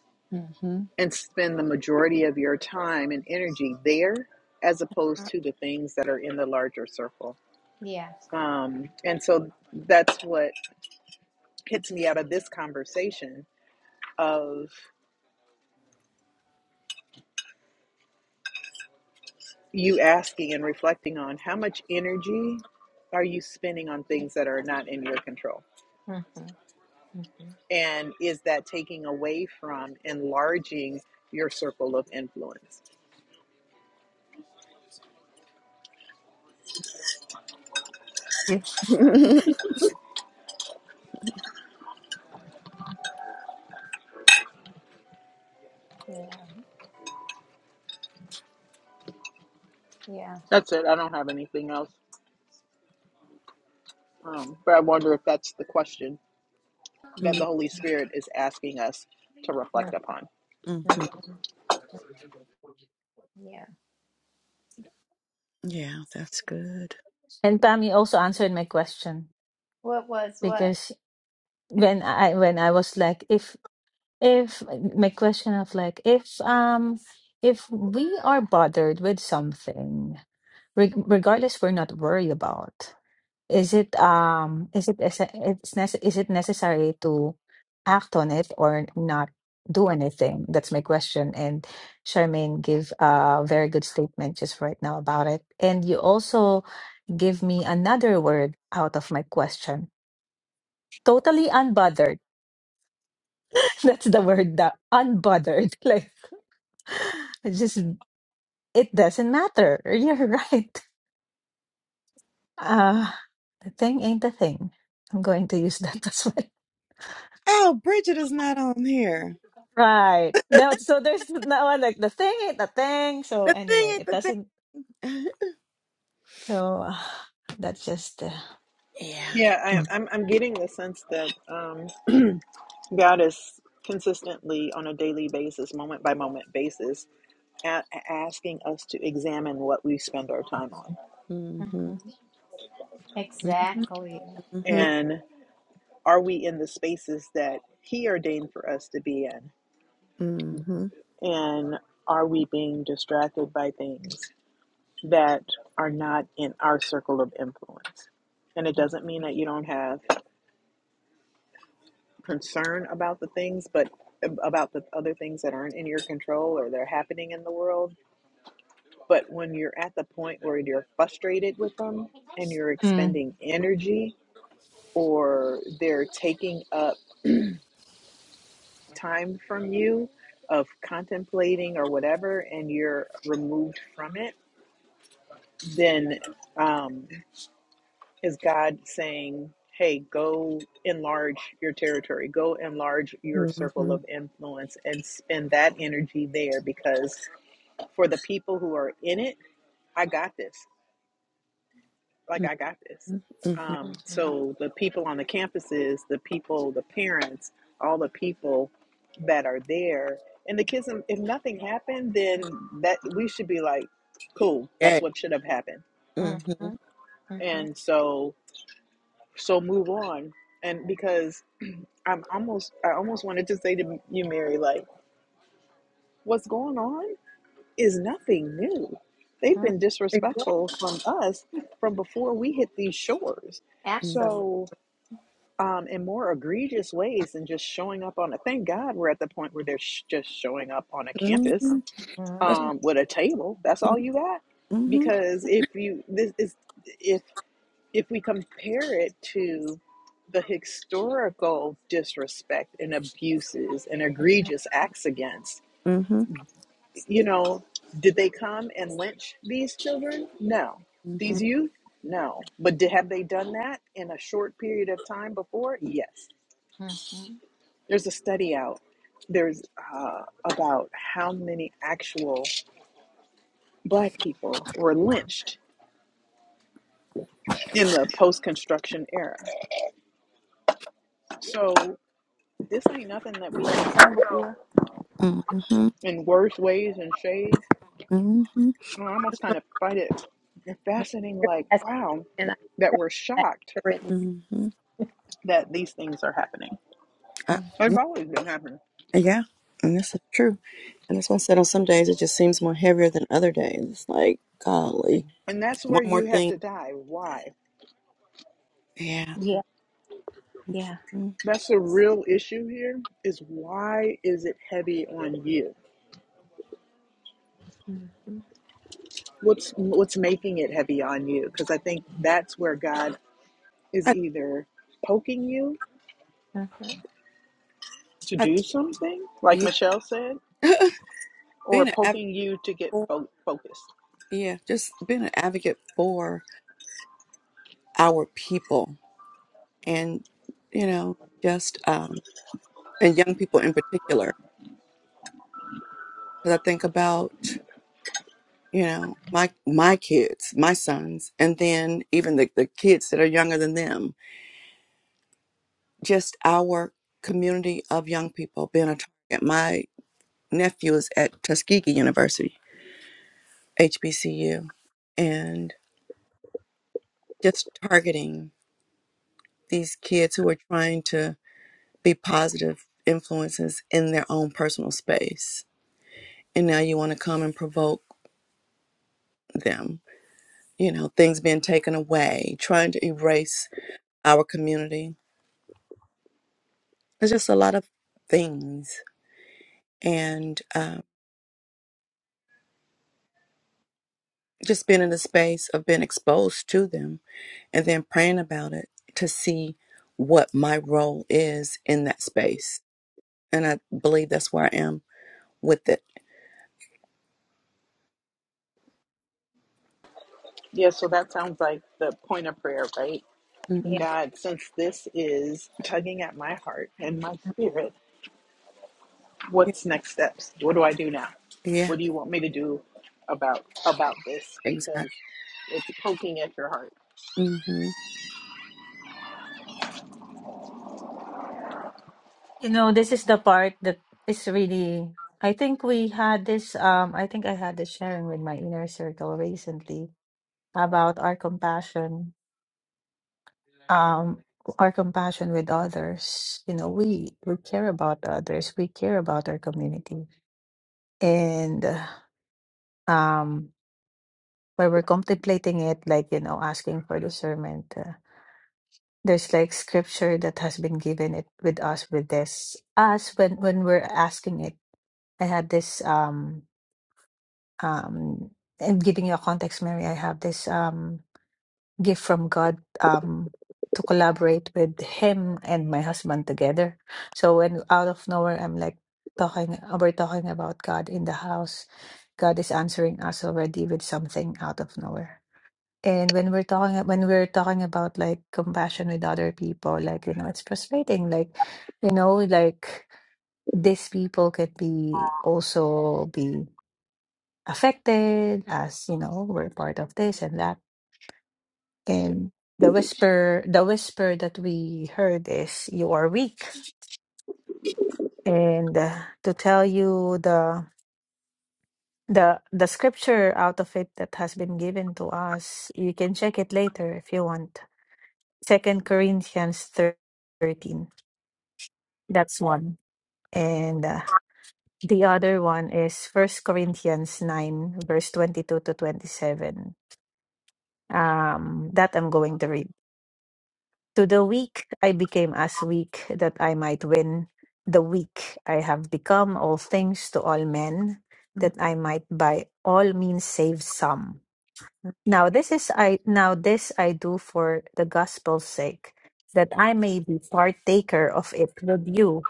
and spend the majority of your time and energy there as opposed Mm, to the things that are in the larger circle. Yeah. Um, and so that's what Hits me out of this conversation of you asking and reflecting on how much energy are you spending on things that are not in your control? Mm-hmm. Mm-hmm. And is that taking away from enlarging your circle of influence? you. Mm-hmm. Yeah. Yeah. That's it. I don't have anything else. Um, but I wonder if that's the question that the Holy Spirit is asking us to reflect upon. Mm-hmm. Mm-hmm. Yeah. Yeah, that's good. And Pam, you also answered my question What was what? because when I when I was like, if if my question of like if um if we are bothered with something, reg- regardless we're not worried about. Is it um is it is it's nece- is it necessary to act on it or not do anything? That's my question. And Charmaine gave a very good statement just right now about it. And you also give me another word out of my question. Totally unbothered. That's the word, the unbothered. Like it's just it doesn't matter. You're right. Uh the thing ain't the thing. I'm going to use that as well. Oh, Bridget is not on here. Right. No, so there's no like the thing ain't the thing. So The thing anyway, ain't it the thing. doesn't. So uh, that's just. Uh, yeah. Yeah, mm. I, I'm, I'm getting the sense that um, God is consistently on a daily basis, moment by moment basis, a- asking us to examine what we spend our time on. Mm. Mm-hmm. Mhm. Exactly. Mhm. And are we in the spaces that He ordained for us to be in? Mhm. And are we being distracted by things that are not in our circle of influence? And it doesn't mean that you don't have concern about the things, but about the other things that aren't in your control or they're happening in the world. But when you're at the point where you're frustrated with them and you're Mm. expending energy or they're taking up time from you of contemplating or whatever, and you're removed from it, then um, is God saying, hey, go enlarge your territory, go enlarge your Mhm. circle Mhm. of influence and spend that energy there because for the people who are in it, I got this. like I got this. Mhm. Mhm. Um, Mm-hmm. so the people on the campuses, the people, the parents, all the people that are there, and the kids. If nothing happened, then that we should be like, cool, Yeah. that's what should have happened. Mhm. Mm-hmm. Mm-hmm. And so, so move on. And because I'm almost, I almost wanted to say to you, Mary, like, what's going on is nothing new. They've hmm been Yeah, disrespectful from us from before we hit these shores. absolutely. So um, in more egregious ways than just showing up on a. Thank God we're at the point where they're sh- just showing up on a campus Mhm. That's- Mm-hmm. um, with a table. That's all Mhm. you got, Mhm. because if you this is if if we compare it to the historical disrespect and abuses and egregious acts against, Mhm. you know, did they come and lynch these children? No. Mhm. These Mm-hmm. youth? No. But did, have they done that in a short period of time before? Yes Mm-hmm. There's a study out. There's uh, about how many actual black people were lynched in the post construction era. So this ain't nothing that we haven't seen before Mhm. in worse ways and shades. And I almost kind of find it fascinating, like, wow, And I, that we're shocked Mhm. that these things are happening. Mm. Mhm. They've always been happening. Yeah, and that's so true. And that's why I said on some days it just seems more heavier than other days. It's like, golly, And that's where one more you have thing. to die. Why? Yeah. Yeah. Yeah. Mm. That's the real issue here is why is it heavy on you? Mm-hmm. what's what's making it heavy on you because i think that's where god is I, either poking you Mm-hmm. to I, do something like yeah. michelle said or being an advocate poking you to get for, fo- focused yeah, just being an advocate for our people and, you know, just, um, and young people in particular. Because I think about, you know, my, my kids, my sons, and then even the, the kids that are younger than them just our community of young people being a target. My nephew is at Tuskegee University, HBCU, and just targeting these kids who are trying to be positive influences in their own personal space. And now you want to come and provoke them, you know, things being taken away, trying to erase our community. There's just a lot of things. And um, just being in the space of being exposed to them and then praying about it to see what my role is in that space. And I believe that's where I am with it. yeah so that sounds like the point of prayer right Yeah. hmm god since this is tugging at my heart and my spirit Yeah, what's next steps what do i do now yeah, what do you want me to do about about this exactly. because it's poking at your heart Mm-hmm. You know, this is the part that is really. I think we had this. Um, I think I had this sharing with my inner circle recently about our compassion um, our compassion with others. You know, we we care about others. We care about our community, and uh, um, where we're contemplating it, like you know, asking for discernment. Uh, there's like scripture that has been given it with us with this us when when we're asking it. I had this um um and giving you a context, Mary. I have this um gift from God um, to collaborate with him and my husband together. So when out of nowhere, I'm like talking, we're talking about God in the house. God is answering us already with something out of nowhere. And when we're talking, when we're talking about like compassion with other people, like you know, it's frustrating. Like, you know, like these people could be also be affected, as you know, we're part of this and that and the whisper, the whisper that we heard is, "You are weak." And uh, to tell you the the the scripture out of it that has been given to us, you can check it later if you want. Second Corinthians thirteen. That's one. And uh, the other one is First Corinthians nine, verse twenty-two to twenty-seven. Um, that I'm going to read. To the weak I became as weak that I might win. The weak I have become all things to all men, that Mm-hmm. I might by all means save some. Now this is I now this I do for the gospel's sake, that I may be partaker of it with you.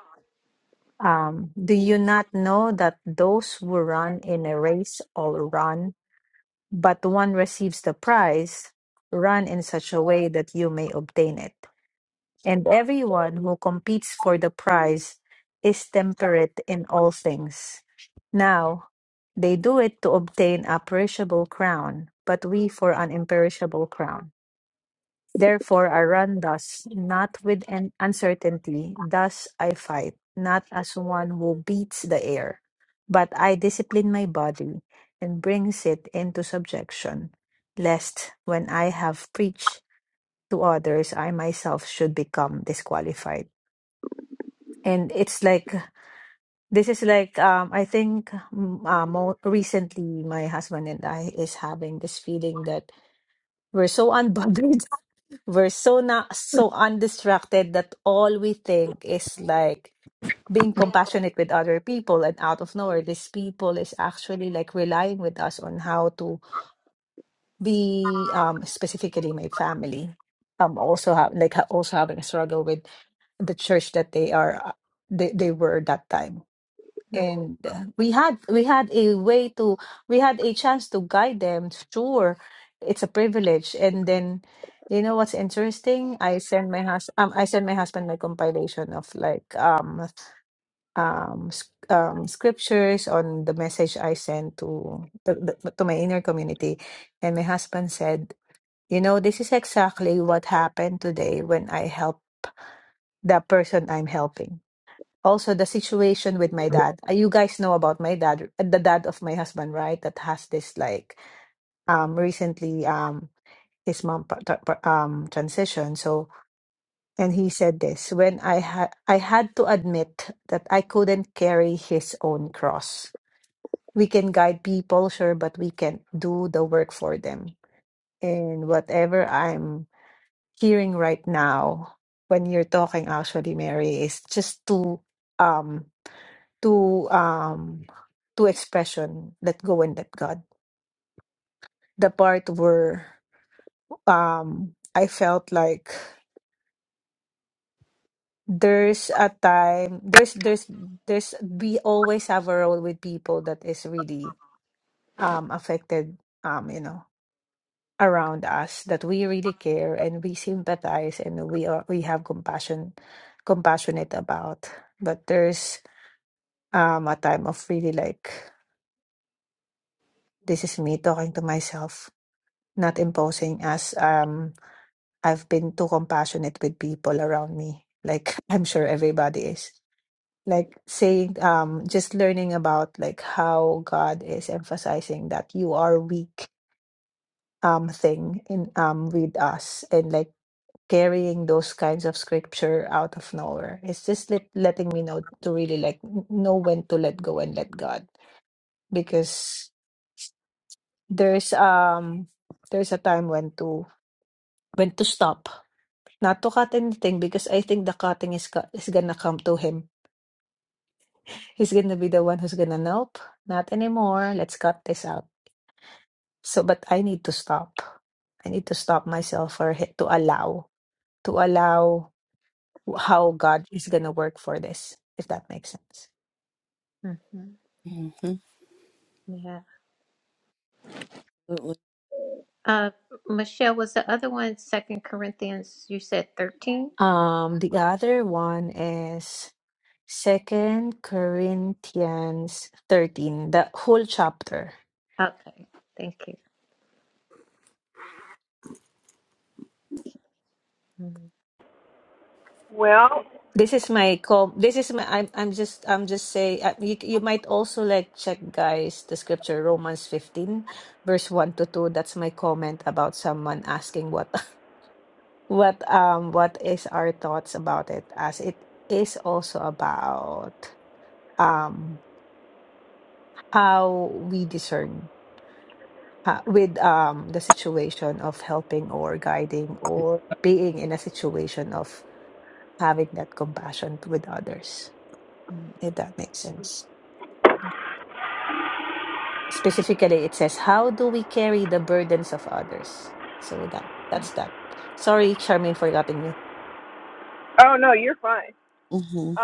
Um, do you not know that those who run in a race all run, but one receives the prize? Run in such a way that you may obtain it and everyone who competes for the prize is temperate in all things. Now, they do it to obtain a perishable crown, but we for an imperishable crown. Therefore, I run thus, not with an uncertainty, thus I fight, not as one who beats the air, but I discipline my body and brings it into subjection, lest when I have preached to others, I myself should become disqualified and it's like this is like um i think mm, uh, more recently my husband and i is having this feeling that we're so unbothered we're so not so undistracted that all we think is like being compassionate with other people and out of nowhere these people is actually like relying with us on how to be um specifically my family um also have like ha- also having a struggle with the church that they are uh, they, they were that time and uh, we had we had a way to we had a chance to guide them sure it's a privilege and then you know what's interesting i sent my hus um, i sent my husband my compilation of like um um s- um scriptures on the message i sent to the, the, to my inner community and my husband said you know this is exactly what happened today when i helped the person i'm helping also the situation with my dad. Uh, You guys know about my dad, uh, the dad of my husband, right? That has this like um recently um his mom pa- tra- pa- um transition. So and he said this when I had I had to admit that I couldn't carry his own cross. We can guide people, sure, but we can't do the work for them. And whatever I'm hearing right now when you're talking actually, Mary, is just too um two um two expression let go and let god the part where um i felt like there's a time there's there's there's we always have a role with people that is really um affected um you know around us that we really care and we sympathize and we are we have compassion compassionate about but there's um a time of really like this is me talking to myself not imposing as um I've been too compassionate with people around me like I'm sure everybody is like saying um just learning about like how God is emphasizing that you are weak um thing in um with us and like carrying those kinds of scripture out of nowhere it's just let, letting me know to really like n- know when to let go and let God because there's um there's a time when to when to stop not to cut anything because I think the cutting is co- is gonna come to him. He's gonna be the one who's gonna nope, not anymore. Let's cut this out. So, but I need to stop. I need to stop myself for hi- to allow to allow how God is gonna work for this. If that makes sense. Mm-hmm. Mm-hmm. Yeah. Absolutely. Uh, Michelle, was the other one Second Corinthians? You said thirteen. Um, the other one is Second Corinthians thirteen, the whole chapter. Okay, thank you. Mhm. This is my com. This is my. I'm. I'm just. I'm just say. Uh, you. You might also like check, guys, the scripture Romans fifteen, verse one to two. That's my comment about someone asking what, what um, what is our thoughts about it, as it is also about um how we discern uh, with um the situation of helping or guiding or being in a situation of having that compassion with others. If that makes sense. specifically it says how do we carry the burdens of others so that that's that sorry charmaine for forgotten you Mm-hmm.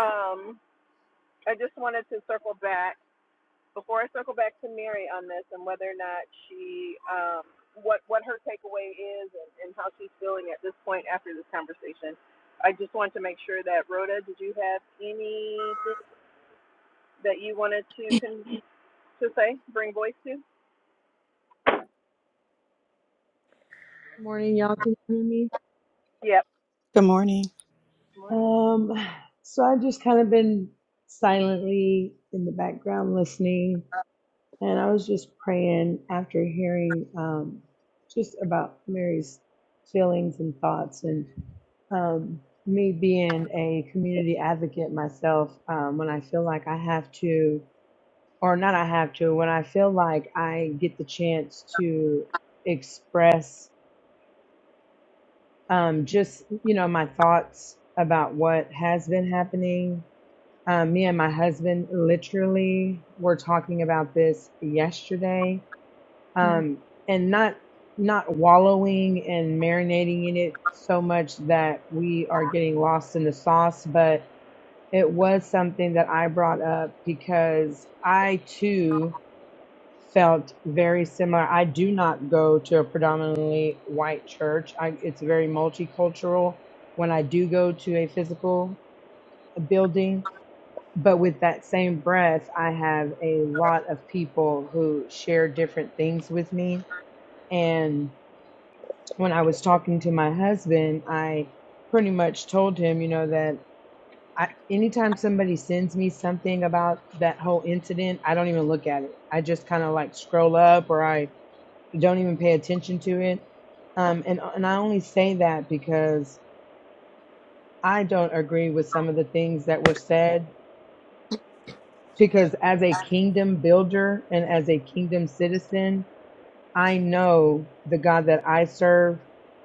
Morning, y'all. Can you hear me? Good morning. Um, so I've just kind of been silently in the background listening, and I was just praying after hearing um, just about Mary's feelings and thoughts, and um, me being a community advocate myself. Um, when I feel like I have to, or not, I have to. When I feel like I get the chance to express um, just you know my thoughts about what has been happening. Um, me and my husband literally were talking about this yesterday, Mhm. um, and not not wallowing and marinating in it so much that we are getting lost in the sauce, but it was something that I brought up because I too felt very similar. I do not go to a predominantly white church. I, it's very multicultural when I do go to a physical building. But with that same breath, I have a lot of people who share different things with me. And when I was talking to my husband, I pretty much told him, you know, that I, anytime somebody sends me something about that whole incident, I don't even look at it. I just kind of like scroll up or I don't even pay attention to it. mm Um, and and I only say that because I don't agree with some of the things that were said. Because as a kingdom builder and as a kingdom citizen, I know the God that I serve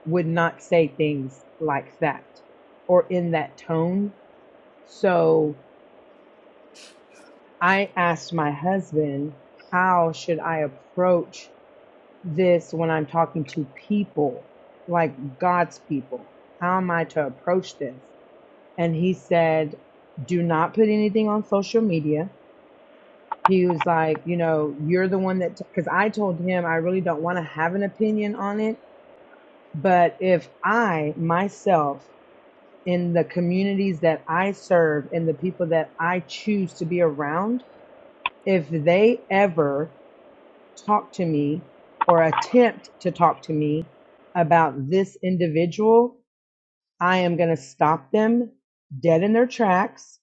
would not say things like that or in that tone. So I asked my husband, how should I approach this when I'm talking to people, like God's people? How am I to approach this? And he said, do not put anything on social media. He was like, you know, you're the one that, because I told him I really don't want to have an opinion on it. But if I myself, in the communities that I serve and the people that I choose to be around, if they ever talk to me or attempt to talk to me about this individual, I am going to stop them dead in their tracks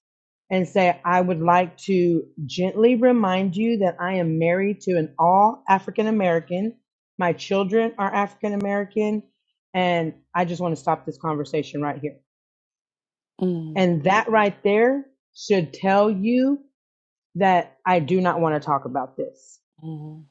and say, I would like to gently remind you that I am married to an all African American. My children are African American. And I just want to stop this conversation right here. And that right there should tell you that I do not want to talk about this Mm-hmm.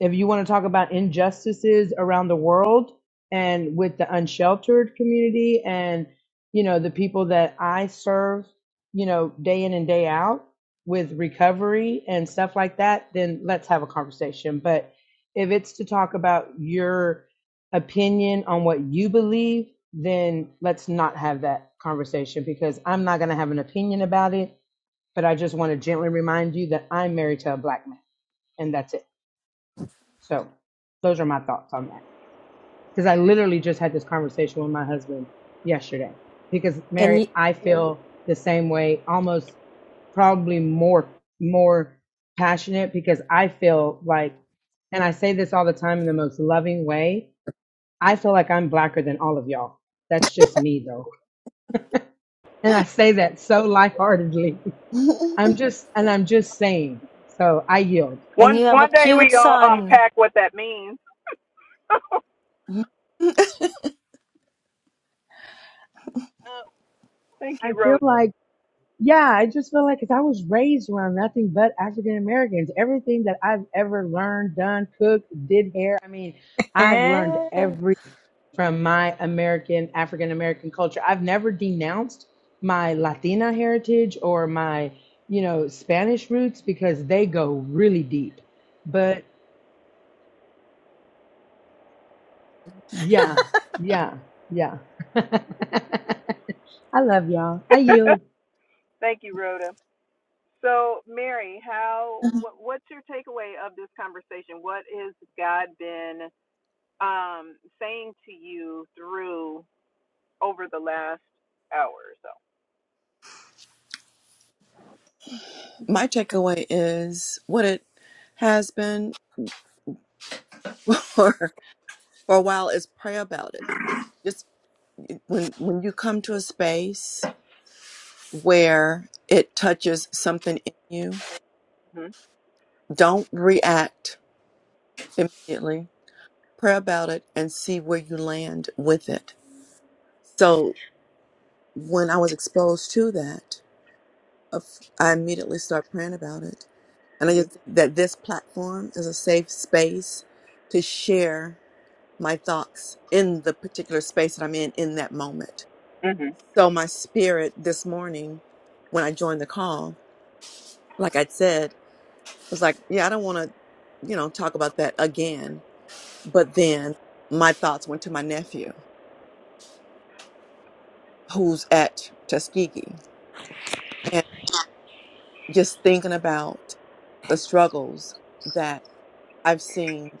if you want to talk about injustices around the world and with the unsheltered community and you know the people that I serve, you know, day in and day out with recovery and stuff like that, then let's have a conversation. But if it's to talk about your opinion on what you believe, then let's not have that conversation because I'm not going to have an opinion about it, but I just want to gently remind you that I'm married to a black man and that's it. So those are my thoughts on that. Because I literally just had this conversation with my husband yesterday. Because and Mary, you I feel the same way, almost mm probably more more passionate because I feel like and I say this all the time in the most loving way, I feel like I'm blacker than all of y'all. That's just me though. And I say that so lightheartedly I'm just, and I'm just saying. So I yield. and you have a cute son Uh, I feel like, yeah, I just feel like, cause I was raised around nothing but African Americans. Everything that I've ever learned, done, cooked, did hair. I mean, I've learned everything. from my American, African American culture. I've never denounced my Latina heritage or my, you know, Spanish roots because they go really deep. But yeah, yeah, yeah. I love y'all. I yield. My takeaway is what it has been for, for a while is pray about it. Just when when you come to a space where it touches something in you, don't react immediately. Pray about it and see where you land with it. So when I was exposed to that, of- I immediately start praying about it. And I just think that this platform is a safe space to share my thoughts in the particular space that I'm in in that moment. So my spirit this morning, when I joined the call, like I said, was like, yeah, I don't want to, you know, talk about that again. But then my thoughts went to my nephew who's at Tuskegee and just thinking about the struggles that I've seen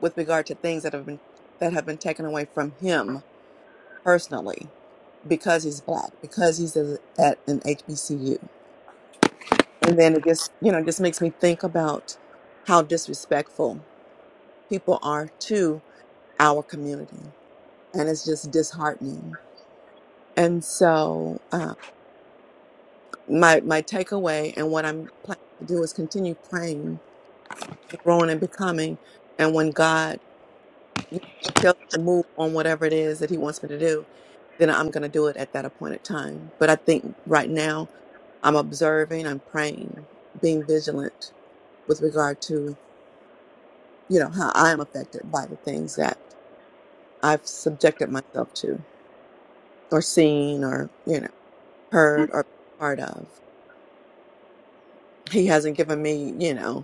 with regard to things that have been that have been taken away from him personally because he's black, because he's a, at an HBCU. And then it just, you know, just makes me think about how disrespectful people are to our community. And it's just mm disheartening. And so uh, my my takeaway and what I'm planning to do is continue praying growing and becoming. And when God you know, tells me to move on whatever it is that He wants me to do, then I'm going to do it at that appointed time. But I think right now I'm observing, I'm praying, being vigilant with regard to you know how I am affected by the things that I've subjected myself to, or seen, or you know heard, or part of. He hasn't given me you know.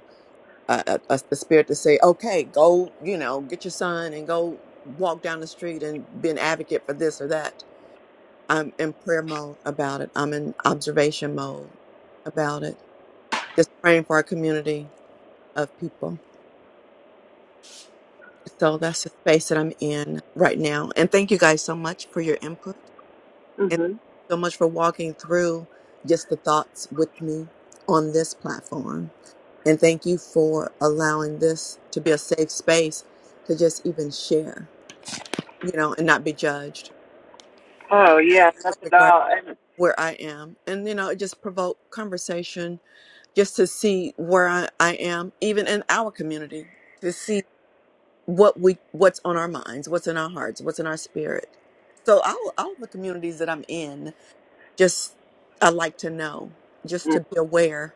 uh, uh, us the spirit to say, okay, go, you know, get your son and go walk down the street and be an advocate for this or that. I'm in prayer mode about it. I'm in observation mode about it. Just praying for our community of people. So that's the space that I'm in right now. And thank you guys so much for your input and so much for walking through just the thoughts with me on this platform. And thank you for allowing this to be a safe space to just even share you know, and not be judged with regard where I am. And, you know, it just provoke conversation just to see where I, I am, even in our community, to see what we what's on our minds, what's in our hearts, what's in our spirit. So all all the communities that I'm in, just I like to know, just to be aware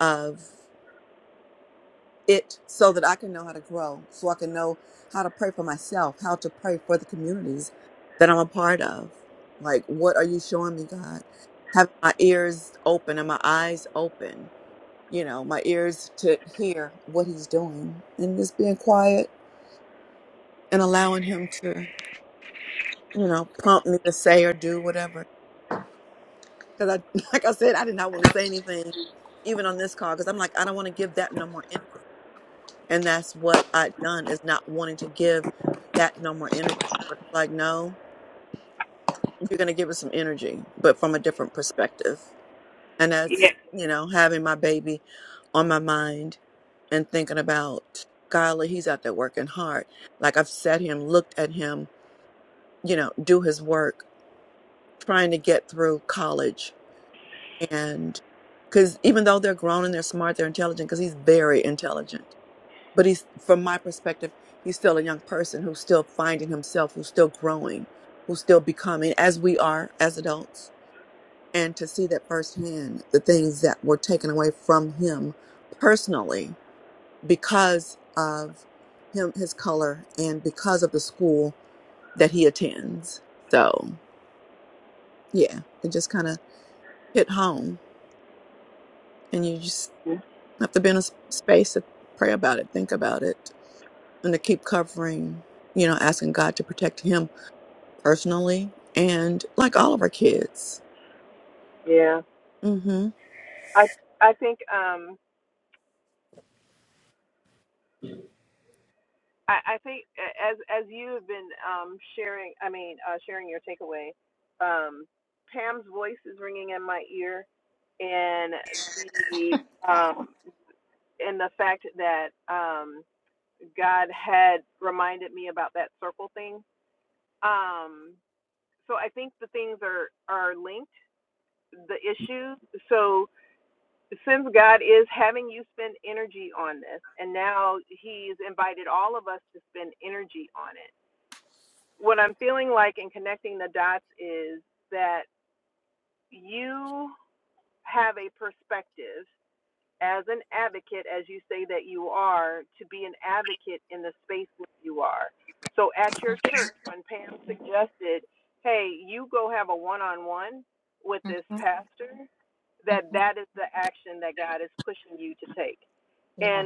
of. it so that I can know how to grow, so I can know how to pray for myself, how to pray for the communities that I'm a part of. Like, what are you showing me, God? Having my ears open and my eyes open, you know, my ears to hear what He's doing and just being quiet and allowing Him to, you know, prompt me to say or do whatever. Because I, like I said, I did not want to say anything even on this call because I'm like, I don't want to give that no more And that's what I'd done is not wanting to give that no more energy. But it's like, no, you're going to give it some energy, but from a different perspective. And that's, you know, having my baby on my mind and thinking about, golly, he's out there working hard. Like I've sat here and looked at him, you know, do his work, trying to get through college. And because even though they're grown and they're smart, they're intelligent, because he's very intelligent but he's from my perspective he's still a young person who's still finding himself who's still growing who's still becoming as we are as adults and to see that firsthand the things that were taken away from him personally because of him his color and because of the school that he attends so yeah it just kind of hit home and you just have to be in a s- space to pray about it think about it and to keep covering you know asking god to protect him personally and like all of our kids. hmm Mhm. Mhm. Mhm. Yeah.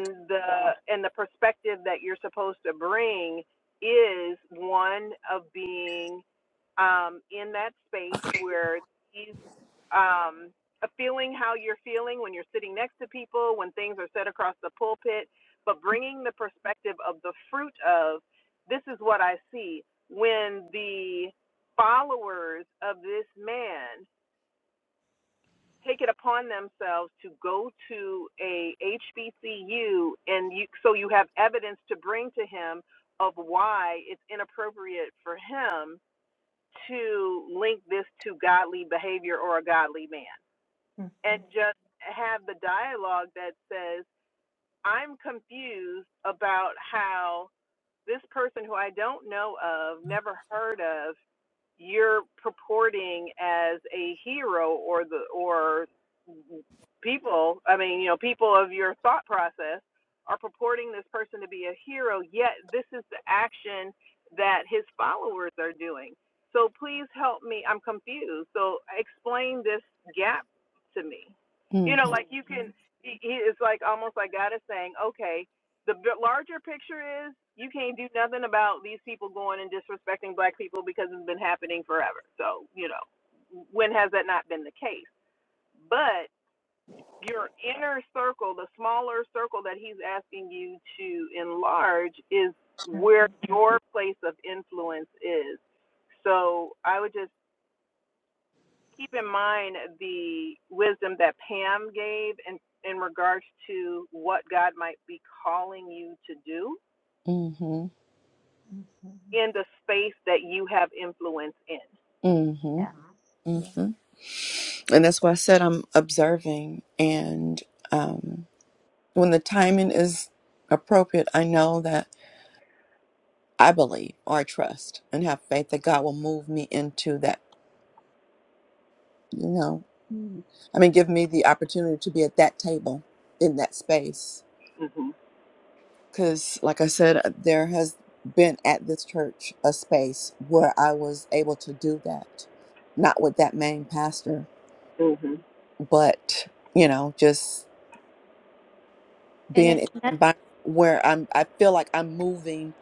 hmm Mhm, Mhm. Mhm. mhm, Mhm. mhm, Yeah. Yeah. mhm. And that's why I said I'm observing. And um, when the timing is appropriate, I know that I believe or I trust and have faith that God will move me into that, you know, I mean, give me the opportunity to be at that table in that space. because like i said uh, there has been at this church a space where i was able to do that not with that main pastor but you know just And being it's in an not. environment where i'm i feel like i'm moving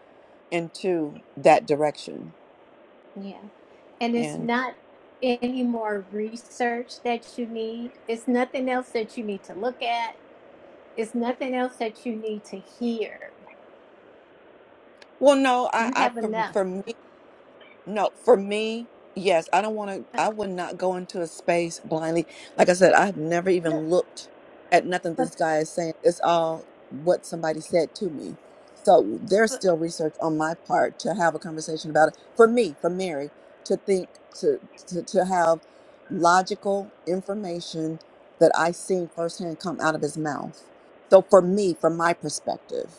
into that direction Yeah. and it's and not any more research that you need. It's nothing else that you need to look at. It's nothing else that you need to hear. well no i You i have for, enough. for me No, for me, yes, I don't want to, I would not go into a space blindly. Like I said, I've never But, even looked at nothing but, this guy is saying. It's all what somebody said to me. So there's but still research on my part to have a conversation about it. For me, for Mary, to think, to to, to have logical information that I see firsthand come out of his mouth. So for me, from my perspective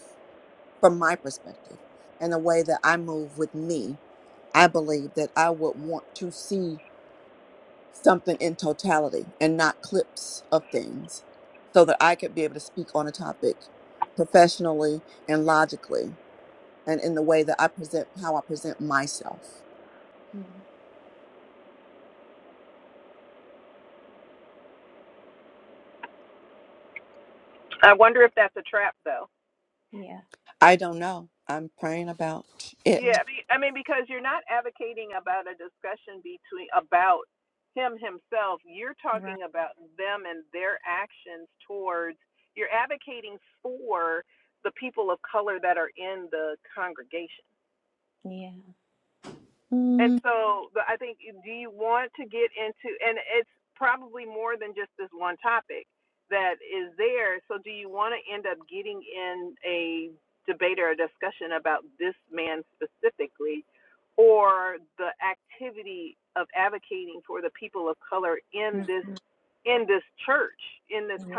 from my perspective and the way that I move with me, I believe that I would want to see something in totality and not clips of things so that I could be able to speak on a topic professionally and logically and in the way that I present how I present myself. mm, yeah, I don't know. I'm praying about yeah, it. right, yeah. Mm. mhm, yeah.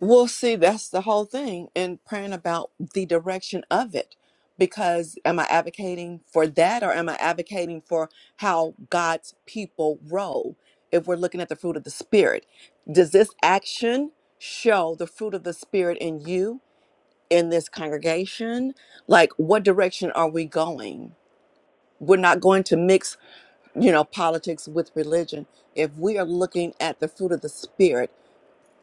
Well, see, that's the whole thing in praying about the direction of it. Because am I advocating for that or am I advocating for how God's people roll? If we're looking at the fruit of the Spirit, does this action show the fruit of the Spirit in you, in this congregation? Like, what direction are we going? We're not going to mix, you know, politics with religion. If we are looking at the fruit of the Spirit,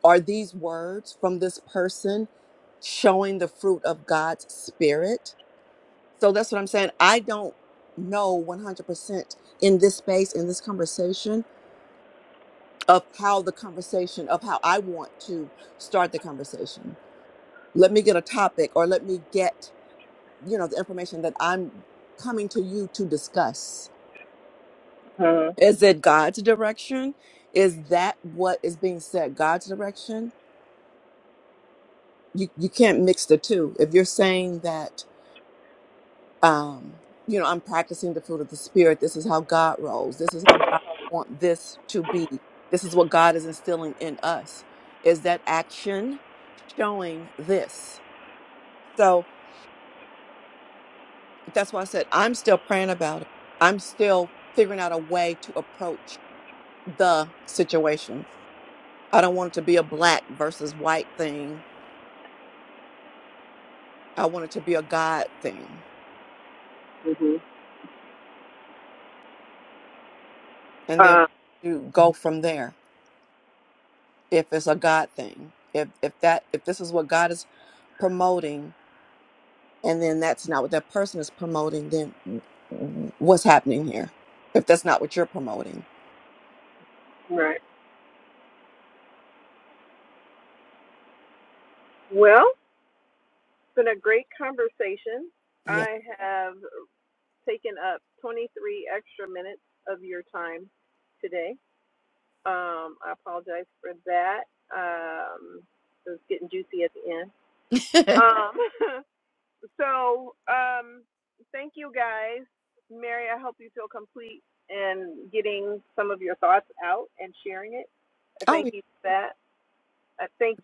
are these words from this person showing the fruit of God's spirit? So that's what I'm saying. I don't know 100% in this space, in this conversation, of how the conversation, of how I want to start the conversation. Let me get a topic or let me get, you know, the information that I'm coming to you to discuss. Is it God's direction? Is that what is being said? God's direction? You, you can't mix the two. If you're saying that um, you know, I'm practicing the fruit of the spirit. This is how God rolls. This is how God want this to be. This is what God is instilling in us. Is that action showing this? So that's why I said I'm still praying about it. I'm still figuring out a way to approach the situation. I don't want it to be a black versus white thing. I want it to be a God thing. And then you go from there if it's a God thing. If if that if this is what God is promoting and then that's not what that person is promoting then what's happening here if that's not what you're promoting yeah oh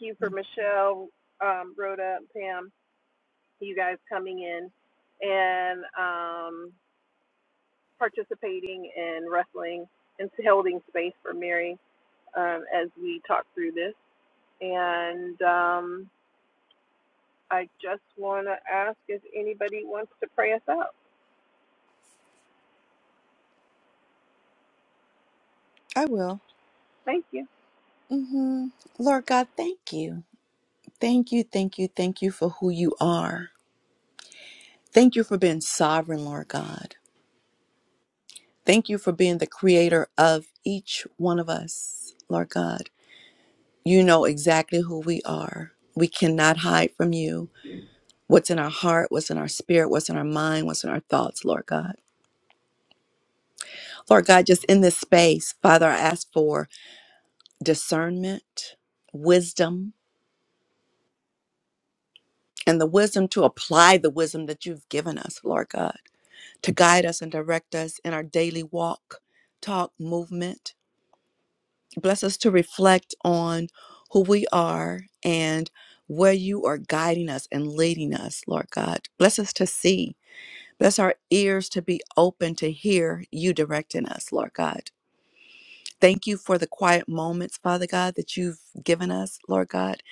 yeah, i will hmm lord god thank you thank you thank you thank you for who you are thank you for being sovereign lord god thank you for being the creator of each one of us lord god you know exactly who we are we cannot hide from you what's in our heart what's in our spirit what's in our mind what's in our thoughts lord god Lord God, just in this space, Father, I ask for discernment, wisdom, and the wisdom to apply the wisdom that you've given us, Lord God, to guide us and direct us in our daily walk, talk, movement. Bless us to reflect on who we are and where you are guiding us and leading us, Lord God. Bless us to see. Bless our ears to be open to hear you directing us, Lord God. Thank you for the quiet moments, Father God, that you've given us, Lord God,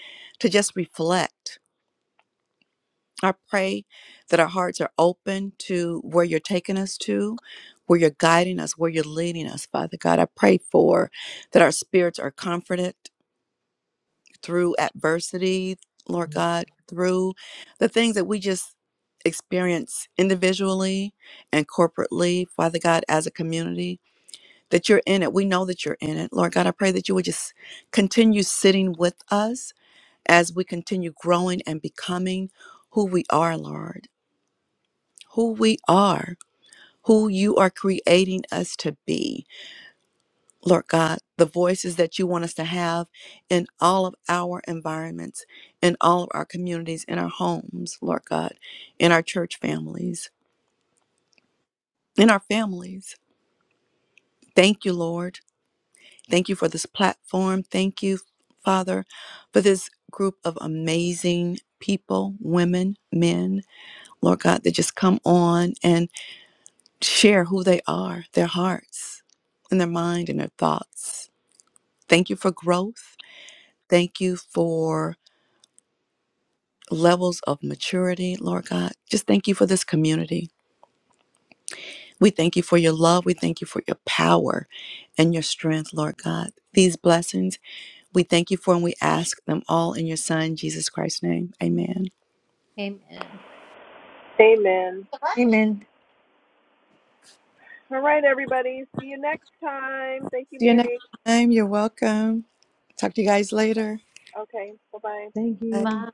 to just reflect. I pray that our hearts are open to where you're taking us to, where you're guiding us, where you're leading us, Father God. I pray for that our spirits are comforted through adversity, Lord God, through the things that we just experience individually and corporately, Father God, as a community. that you're in it. We know that you're in it. Lord God, I pray that you would just continue sitting with us as we continue growing and becoming who we are, Lord, who we are, who you are creating us to be. Lord God, the voices that you want us to have in all of our environments, in all of our communities, in our homes, Lord God, in our church families, in our families. Thank you, Lord. Thank you for this platform. Thank you, Father, for this group of amazing people, women, men, Lord God, that just come on and share who they are, their hearts and their mind and their thoughts. Thank you for growth. Thank you for levels of maturity, Lord God. Just thank you for this community. We thank you for your love. We thank you for your power and your strength, Lord God. These blessings. We thank you for and we ask them all in your Son, Jesus Christ's name. Amen. Amen. Amen. See you next time. You're welcome. Talk to you guys later. Thank Bye. you.